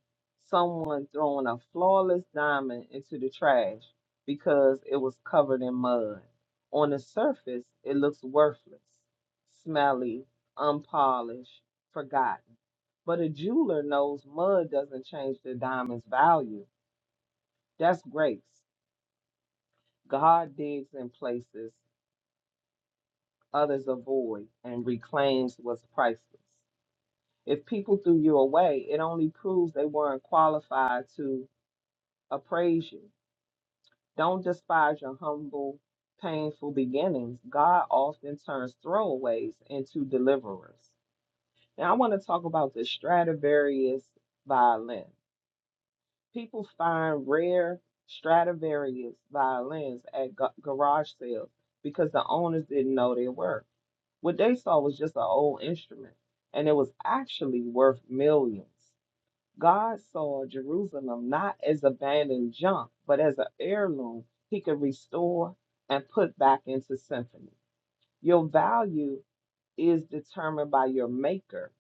S2: someone throwing a flawless diamond into the trash because it was covered in mud. On the surface, it looks worthless, smelly, unpolished, forgotten. But a jeweler knows mud doesn't change the diamond's value. That's grace. God digs in places others avoid and reclaims what's priceless. If people threw you away, it only proves they weren't qualified to appraise you. Don't despise your humble, painful beginnings. God often turns throwaways into deliverers. Now, I want to talk about the Stradivarius violin. People find rare Stradivarius violins at ga- garage sales because the owners didn't know their worth. What they saw was just an old instrument, and it was actually worth millions. God saw Jerusalem not as abandoned junk, but as an heirloom he could restore and put back into symphony. Your value is determined by your maker,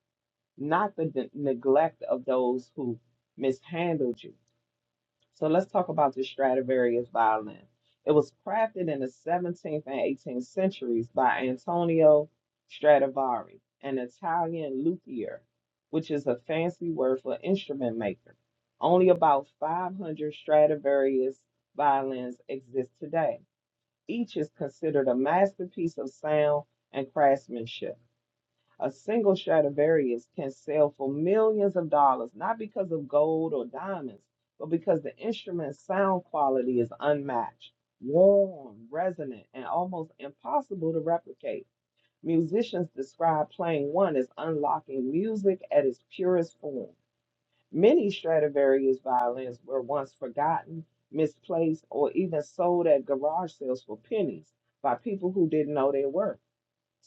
S2: not the de- neglect of those who mishandled you. So let's talk about the Stradivarius violin. It was crafted in the 17th and 18th centuries by Antonio Stradivari, an Italian luthier, which is a fancy word for instrument maker. Only about 500 Stradivarius violins exist today. Each is considered a masterpiece of sound and craftsmanship. A single Stradivarius can sell for millions of dollars, not because of gold or diamonds, but because the instrument's sound quality is unmatched, warm, resonant, and almost impossible to replicate. Musicians describe playing one as unlocking music at its purest form. Many Stradivarius violins were once forgotten, misplaced, or even sold at garage sales for pennies by people who didn't know their worth.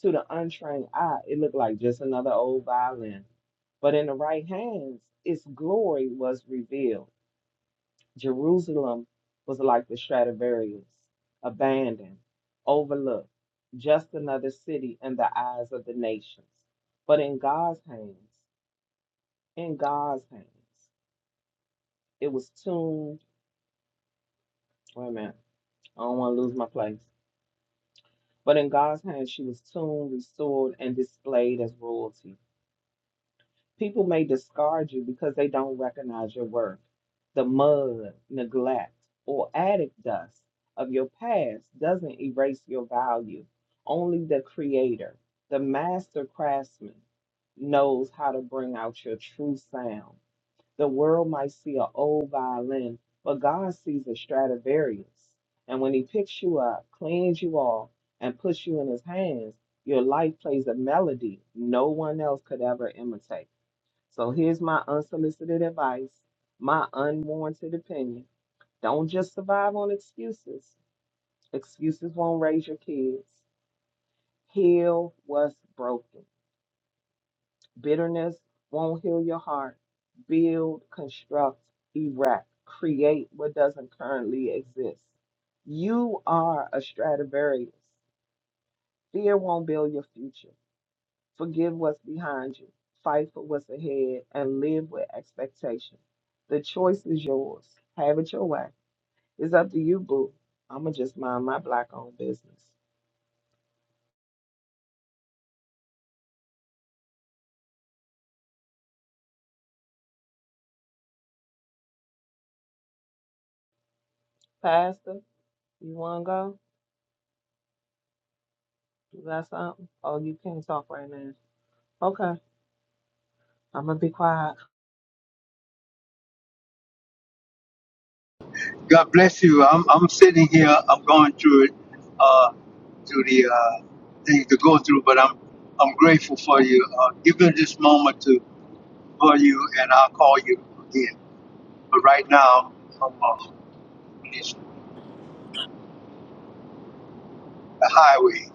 S2: To the untrained eye, it looked like just another old violin. But in the right hands, its glory was revealed. Jerusalem was like the Stradivarius, abandoned, overlooked, just another city in the eyes of the nations. But in God's hands, in God's hands, it was tuned. Wait a minute, I don't want to lose my place. But in God's hands, she was tuned, restored, and displayed as royalty. People may discard you because they don't recognize your worth. The mud, neglect, or attic dust of your past doesn't erase your value. Only the creator, the master craftsman, knows how to bring out your true sound. The world might see an old violin, but God sees a Stradivarius. And when he picks you up, cleans you off, and puts you in his hands, your life plays a melody no one else could ever imitate. So here's my unsolicited advice, my unwarranted opinion. Don't just survive on excuses. Excuses won't raise your kids. Heal what's broken. Bitterness won't heal your heart. Build, construct, erect, create what doesn't currently exist. You are a Stradivarius. Fear won't build your future. Forgive what's behind you, fight for what's ahead, and live with expectation. The choice is yours. Have it your way. It's up to you, boo. I'ma just mind my black owned business. Pastor, you wanna go? You got something? Oh, you can't talk right now. Okay. I'm gonna be quiet.
S1: God bless you. I'm I'm sitting here. I'm going through it, uh, through the uh, things to go through. But I'm I'm grateful for you. Uh, give me this moment to call you, and I'll call you again. But right now, I'm on the highway.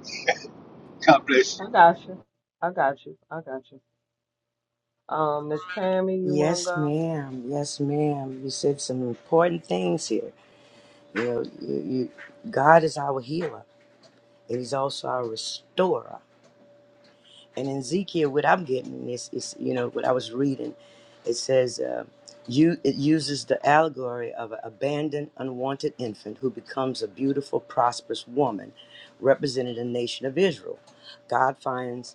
S1: God bless you.
S2: I got you. I got you. I got you. Um, Miss Tammy, you wanna
S3: Yes,
S2: go?
S3: ma'am. Yes, ma'am. You said some important things here. You know, you, you, God is our healer, and He's also our restorer. And in Ezekiel, what I'm getting is, is you know, what I was reading, it says, uh, you it uses the allegory of an abandoned, unwanted infant who becomes a beautiful, prosperous woman, representing the nation of Israel. God finds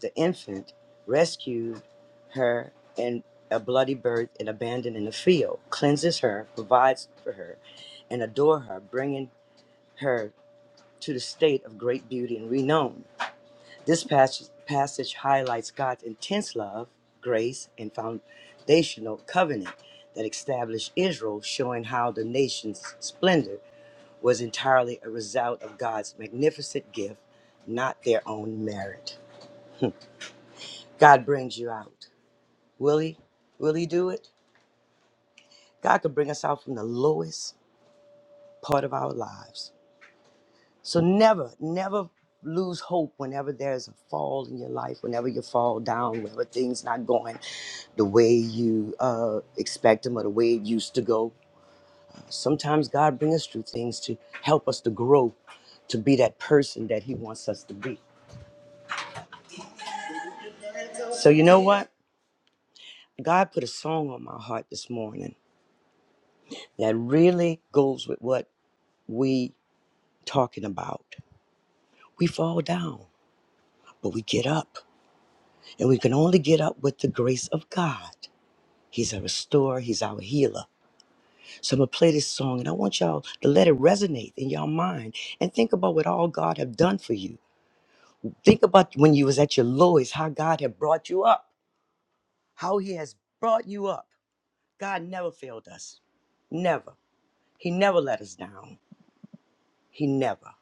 S3: the infant rescued her in a bloody birth and abandoned in a field, cleanses her, provides for her, and adore her, bringing her to the state of great beauty and renown. This passage, passage highlights God's intense love, grace, and foundational covenant that established Israel, showing how the nation's splendor was entirely a result of God's magnificent gift, not their own merit. God brings you out. Will He? Will He do it? God can bring us out from the lowest part of our lives. So never, never lose hope whenever there's a fall in your life, whenever you fall down, whenever things not going the way you uh, expect them or the way it used to go. Sometimes God brings us through things to help us to grow, to be that person that He wants us to be. So you know what? God put a song on my heart this morning that really goes with what we talking about. We fall down, but we get up. And we can only get up with the grace of God. He's our restorer, He's our healer. So I'm gonna play this song and I want y'all to let it resonate in your mind and think about what all God have done for you. Think about when you was at your lowest, how God had brought you up, how He has brought you up. God never failed us. Never. He never let us down. He never.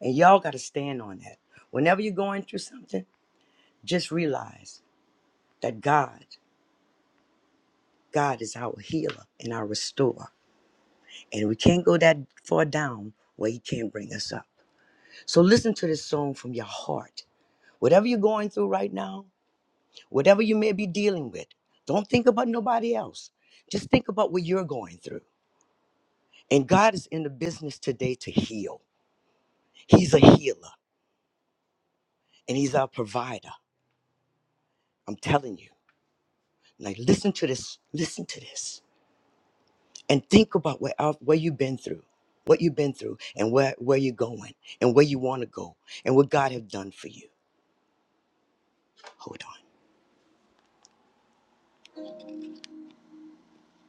S3: And y'all gotta stand on that. Whenever you're going through something, just realize that God God is our healer and our restorer. And we can't go that far down where He can't bring us up. So listen to this song from your heart. Whatever you're going through right now, whatever you may be dealing with, don't think about nobody else. Just think about what you're going through. And God is in the business today to heal. He's a healer and He's our provider. I'm telling you. Like, listen to this. Listen to this. and think about where out- where you've been through, what you've been through, and where where you're going, and where you want to go, and what God have done for you. Hold on.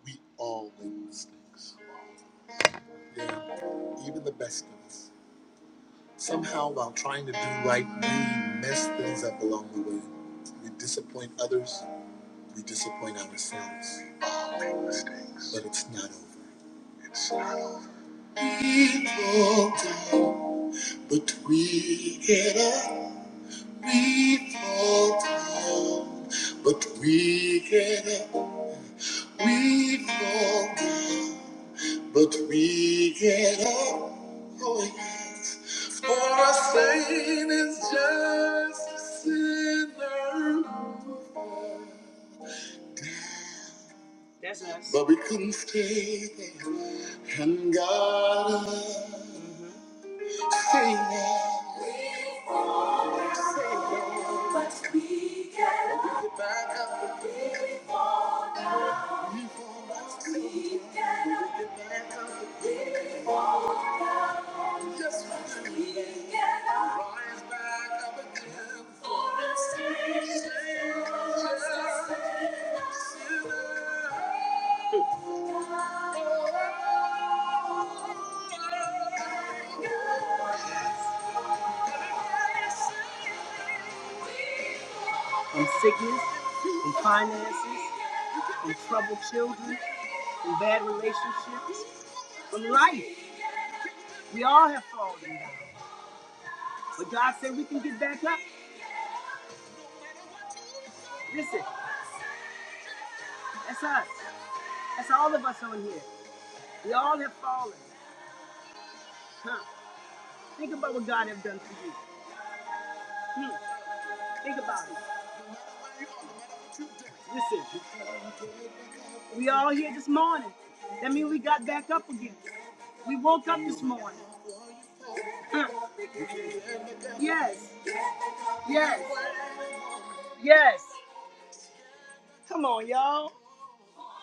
S3: We all make mistakes. Yeah, even the best of us. Somehow, while trying to do right, we mess things up along the way. We disappoint others. We disappoint ourselves. But it's not over. It's not over. We fall down, but we get up. We fall down, but we get up. We fall down, but we get up. Oh, yes. For our Saint is just a sinner. That's us. But we couldn't stay there. And God, sing it. Back up. From sickness, from finances, from troubled children, from bad relationships, from life. We all have fallen down. But God said we can get back up. Listen, that's us. That's all of us on here. We all have fallen. Huh? Think about what God has done for you. Hmm. Think about it. Listen, we all here this morning. That means we got back up again. We woke up this morning. Huh. Yes, yes, yes. Come on, y'all.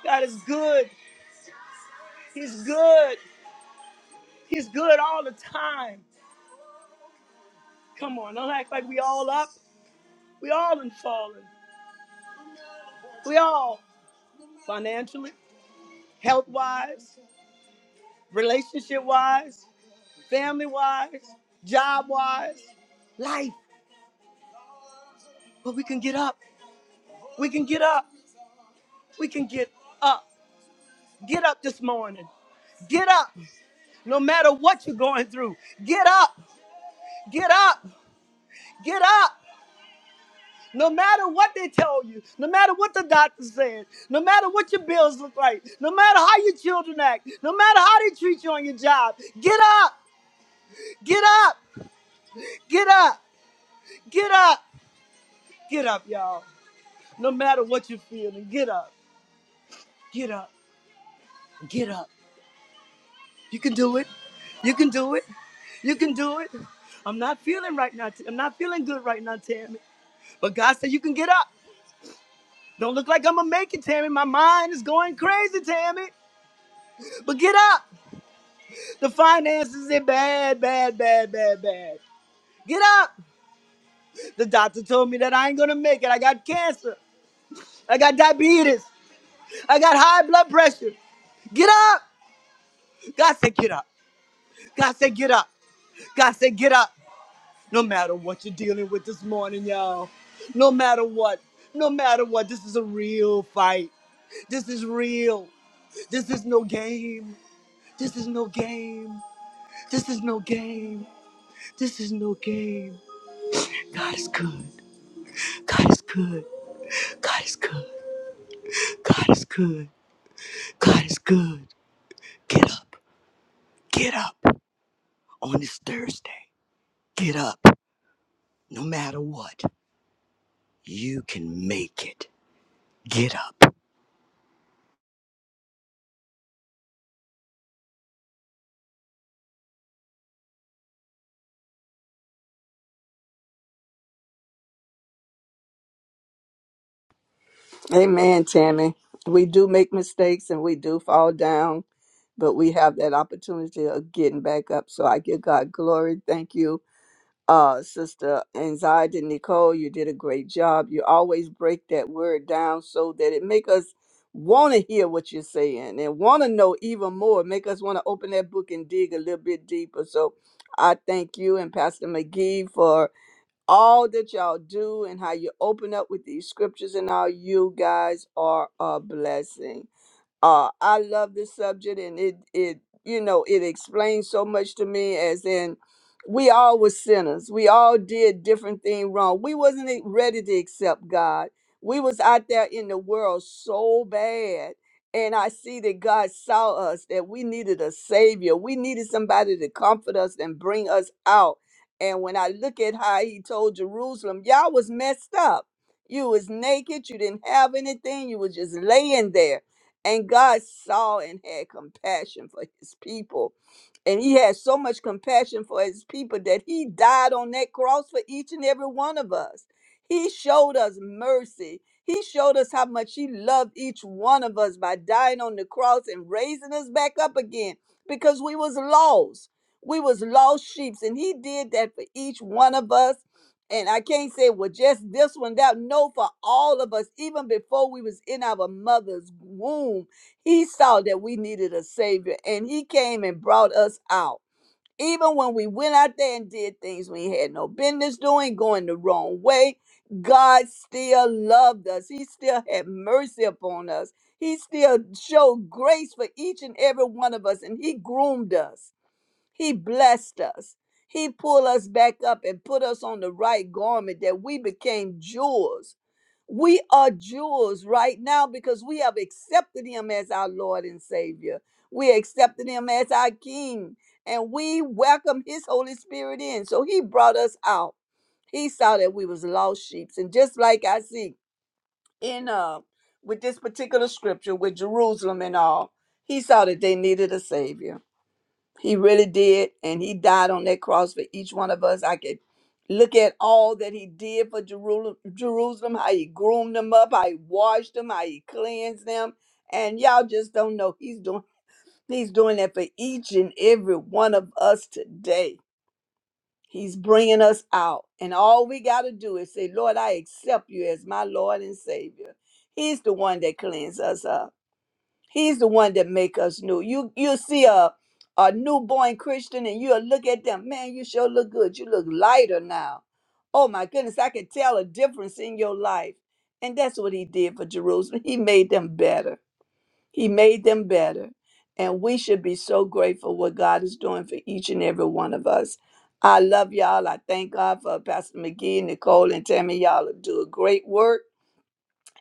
S3: God is good. He's good. He's good all the time. Come on, don't act like we all up. We all in fallen. We all financially, health wise, relationship wise. family wise, job wise, life. But we can get up. We can get up. We can get up. Get up this morning. Get up. No matter what you're going through, get up. Get up. Get up. No matter what they tell you, no matter what the doctor said, no matter what your bills look like, no matter how your children act, no matter how they treat you on your job, get up. Get up. Get up. Get up. Get up, y'all. No matter what you're feeling, get up. Get up. Get up. You can do it. You can do it. You can do it. I'm not feeling right now. T- I'm not feeling good right now, Tammy. But God said you can get up. Don't look like I'm gonna make it, Tammy. My mind is going crazy, Tammy. But get up. The finances are bad, bad, bad, bad, bad. Get up. The doctor told me that I ain't gonna make it. I got cancer. I got diabetes. I got high blood pressure. Get up. God said, get up. God said, get up. God said, get up. No matter what you're dealing with this morning, y'all. No matter what. No matter what. This is a real fight. This is real. This is no game. This is no game. This is no game. This is no game. God is good. God is good. God is good. God is good. God is good. Get up. Get up on this Thursday. Get up. No matter what, you can make it. Get up.
S4: Amen, Tammy. We do make mistakes and we do fall down, but we have that opportunity of getting back up. So I give God glory. Thank you, uh, Sister Anxiety Nicole. You did a great job. You always break that word down so that it make us want to hear what you're saying and want to know even more. Make us want to open that book and dig a little bit deeper. So I thank you and Pastor McGee for all that y'all do and how you open up with these scriptures and all you guys are a blessing uh i love this subject and it it you know it explains so much to me as in we all were sinners we all did different things wrong we wasn't e- ready to accept god we was out there in the world so bad and i see that god saw us that we needed a savior we needed somebody to comfort us and bring us out and when i look at how he told jerusalem y'all was messed up you was naked you didn't have anything you was just laying there and God saw and had compassion for his people. And he had so much compassion for his people that he died on that cross for each and every one of us. He showed us mercy. He showed us how much he loved each one of us by dying on the cross and raising us back up again because we was lost. We was lost sheep and he did that for each one of us and I can't say well just this one that no for all of us even before we was in our mother's womb he saw that we needed a savior and he came and brought us out even when we went out there and did things we had no business doing going the wrong way God still loved us he still had mercy upon us he still showed grace for each and every one of us and he groomed us he blessed us. He pulled us back up and put us on the right garment that we became jewels. We are jewels right now because we have accepted him as our Lord and Savior. We accepted him as our King and we welcome his Holy Spirit in. So he brought us out. He saw that we was lost sheep. And just like I see in uh with this particular scripture with Jerusalem and all, he saw that they needed a savior. He really did. And he died on that cross for each one of us. I could look at all that he did for Jeru- Jerusalem, how he groomed them up, how he washed them, how he cleansed them. And y'all just don't know. He's doing he's doing that for each and every one of us today. He's bringing us out. And all we got to do is say, Lord, I accept you as my Lord and Savior. He's the one that cleans us up. He's the one that make us new. You you see a a newborn Christian and you'll look at them, man, you sure look good. You look lighter now. Oh my goodness, I can tell a difference in your life. And that's what he did for Jerusalem. He made them better. He made them better. And we should be so grateful what God is doing for each and every one of us. I love y'all. I thank God for Pastor McGee, Nicole, and Tammy. Y'all do a great work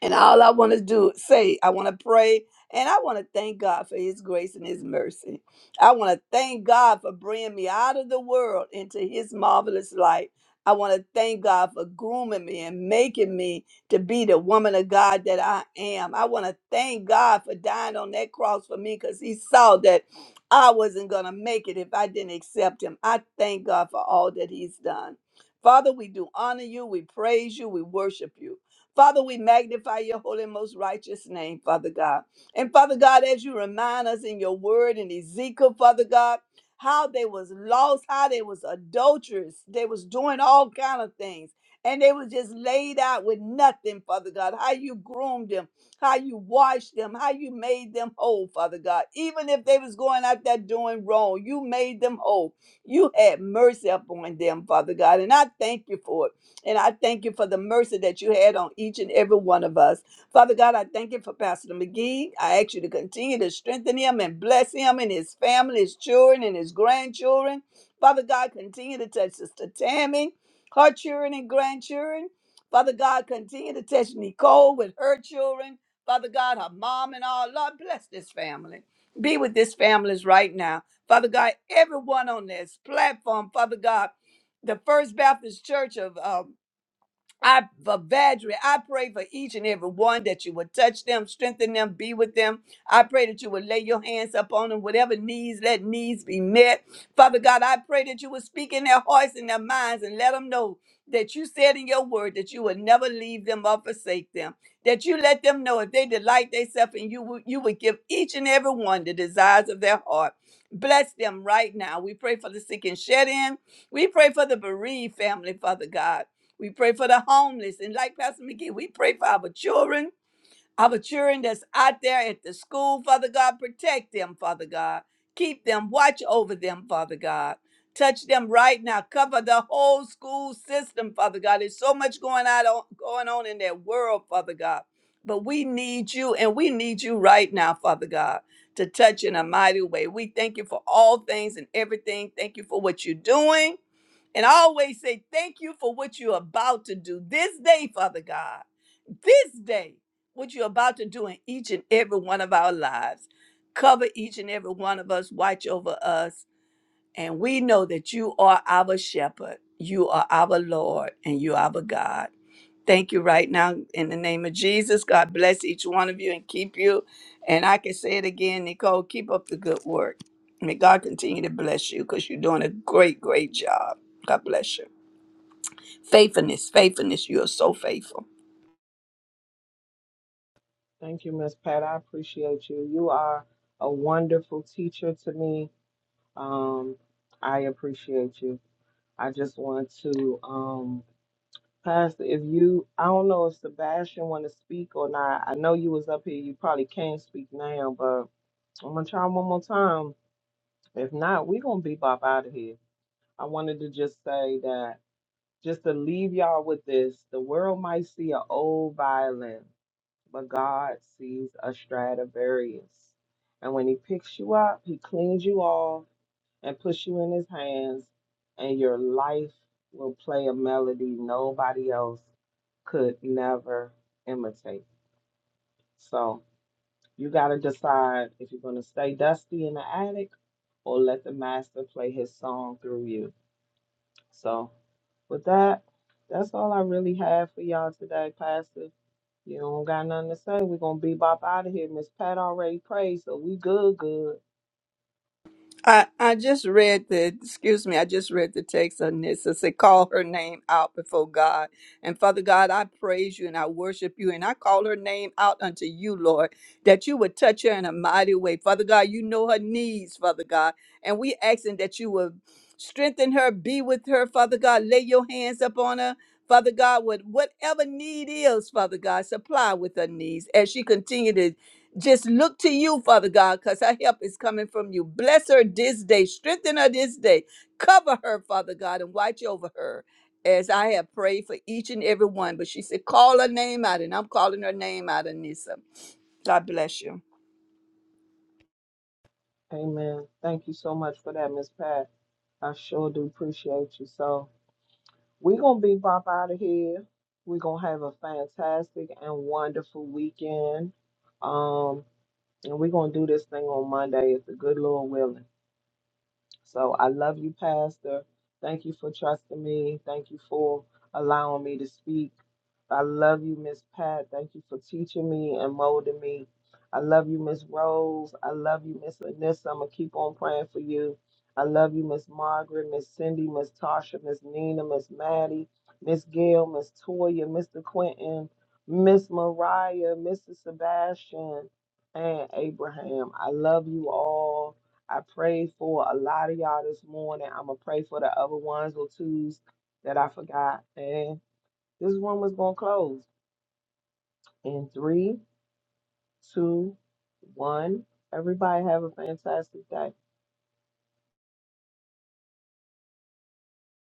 S4: and all I want to do, say, I want to pray and I want to thank God for his grace and his mercy. I want to thank God for bringing me out of the world into his marvelous light. I want to thank God for grooming me and making me to be the woman of God that I am. I want to thank God for dying on that cross for me because he saw that I wasn't going to make it if I didn't accept him. I thank God for all that he's done. Father, we do honor you, we praise you, we worship you. Father, we magnify your holy and most righteous name, Father God. And Father God, as you remind us in your word in Ezekiel, Father God, how they was lost, how they was adulterous, they was doing all kind of things. And they was just laid out with nothing, Father God. How you groomed them, how you washed them, how you made them whole, Father God. Even if they was going out there doing wrong, you made them whole. You had mercy upon them, Father God. And I thank you for it. And I thank you for the mercy that you had on each and every one of us. Father God, I thank you for Pastor McGee. I ask you to continue to strengthen him and bless him and his family, his children, and his grandchildren. Father God, continue to touch Sister Tammy, her children and grandchildren. Father God, continue to touch Nicole with her children. Father God, her mom and all. Lord, bless this family. Be with this families right now. Father God, everyone on this platform, Father God, the First Baptist Church of uh, I for Vadri, I pray for each and every one that you would touch them, strengthen them, be with them. I pray that you would lay your hands upon them, whatever needs, let needs be met. Father God, I pray that you would speak in their hearts and their minds and let them know that you said in your word that you would never leave them or forsake them. That you let them know if they delight themselves and you would you would give each and every one the desires of their heart. Bless them right now. We pray for the sick and shed in. We pray for the bereaved family, Father God. We pray for the homeless. And like Pastor McGee, we pray for our children, our children that's out there at the school, Father God. Protect them, Father God. Keep them, watch over them, Father God. Touch them right now. Cover the whole school system, Father God. There's so much going out on, going on in that world, Father God. But we need you, and we need you right now, Father God, to touch in a mighty way. We thank you for all things and everything. Thank you for what you're doing. And I always say, thank you for what you're about to do this day, Father God. This day, what you're about to do in each and every one of our lives. Cover each and every one of us, watch over us. And we know that you are our shepherd, you are our Lord, and you are our God. Thank you right now in the name of Jesus. God bless each one of you and keep you. And I can say it again, Nicole, keep up the good work. May God continue to bless you because you're doing a great, great job. God bless you. Faithfulness, faithfulness. You are so faithful.
S2: Thank you, Miss Pat. I appreciate you. You are a wonderful teacher to me. Um, I appreciate you. I just want to, um, Pastor, if you, I don't know if Sebastian want to speak or not. I know you was up here. You probably can't speak now, but I'm gonna try one more time. If not, we gonna be bop out of here. I wanted to just say that, just to leave y'all with this: the world might see an old violin, but God sees a Stradivarius, and when He picks you up, He cleans you off and puts you in his hands, and your life will play a melody nobody else could never imitate. So you got to decide if you're going to stay dusty in the attic or let the master play his song through you. So with that, that's all I really have for y'all today, Pastor. You don't got nothing to say. We're going to bebop out of here. Miss Pat already prayed, so we good, good.
S4: I, I just read the, excuse me, I just read the text on this. It said, call her name out before God. And Father God, I praise you and I worship you and I call her name out unto you, Lord, that you would touch her in a mighty way. Father God, you know her needs, Father God. And we asking that you would strengthen her, be with her, Father God. Lay your hands upon her. Father God, with whatever need is, Father God, supply with her needs as she continues. just look to you, Father God, because our help is coming from you. Bless her this day, strengthen her this day, cover her, Father God, and watch over her. As I have prayed for each and every one, but she said, Call her name out, and I'm calling her name out, Anissa. God bless you.
S2: Amen. Thank you so much for that, Miss Pat. I sure do appreciate you. So, We're gonna be up out of here. We're gonna have a fantastic and wonderful weekend. Um, and we're gonna do this thing on Monday if the good Lord willing. So I love you, Pastor. Thank you for trusting me. Thank you for allowing me to speak. I love you, Miss Pat. Thank you for teaching me and molding me. I love you, Miss Rose. I love you, Miss Anissa. I'm going to keep on praying for you. I love you, Miss Margaret, Miss Cindy, Miss Tasha, Miss Nina, Miss Maddie, Miss Gail, Miss Toya, Mr. Quentin, Miss Mariah, Mr. Sebastian, and Abraham. I love you all. I prayed for a lot of y'all this morning. I'm gonna pray for the other ones or twos that I forgot. And this room is gonna close in three, two, one. Everybody have a fantastic day.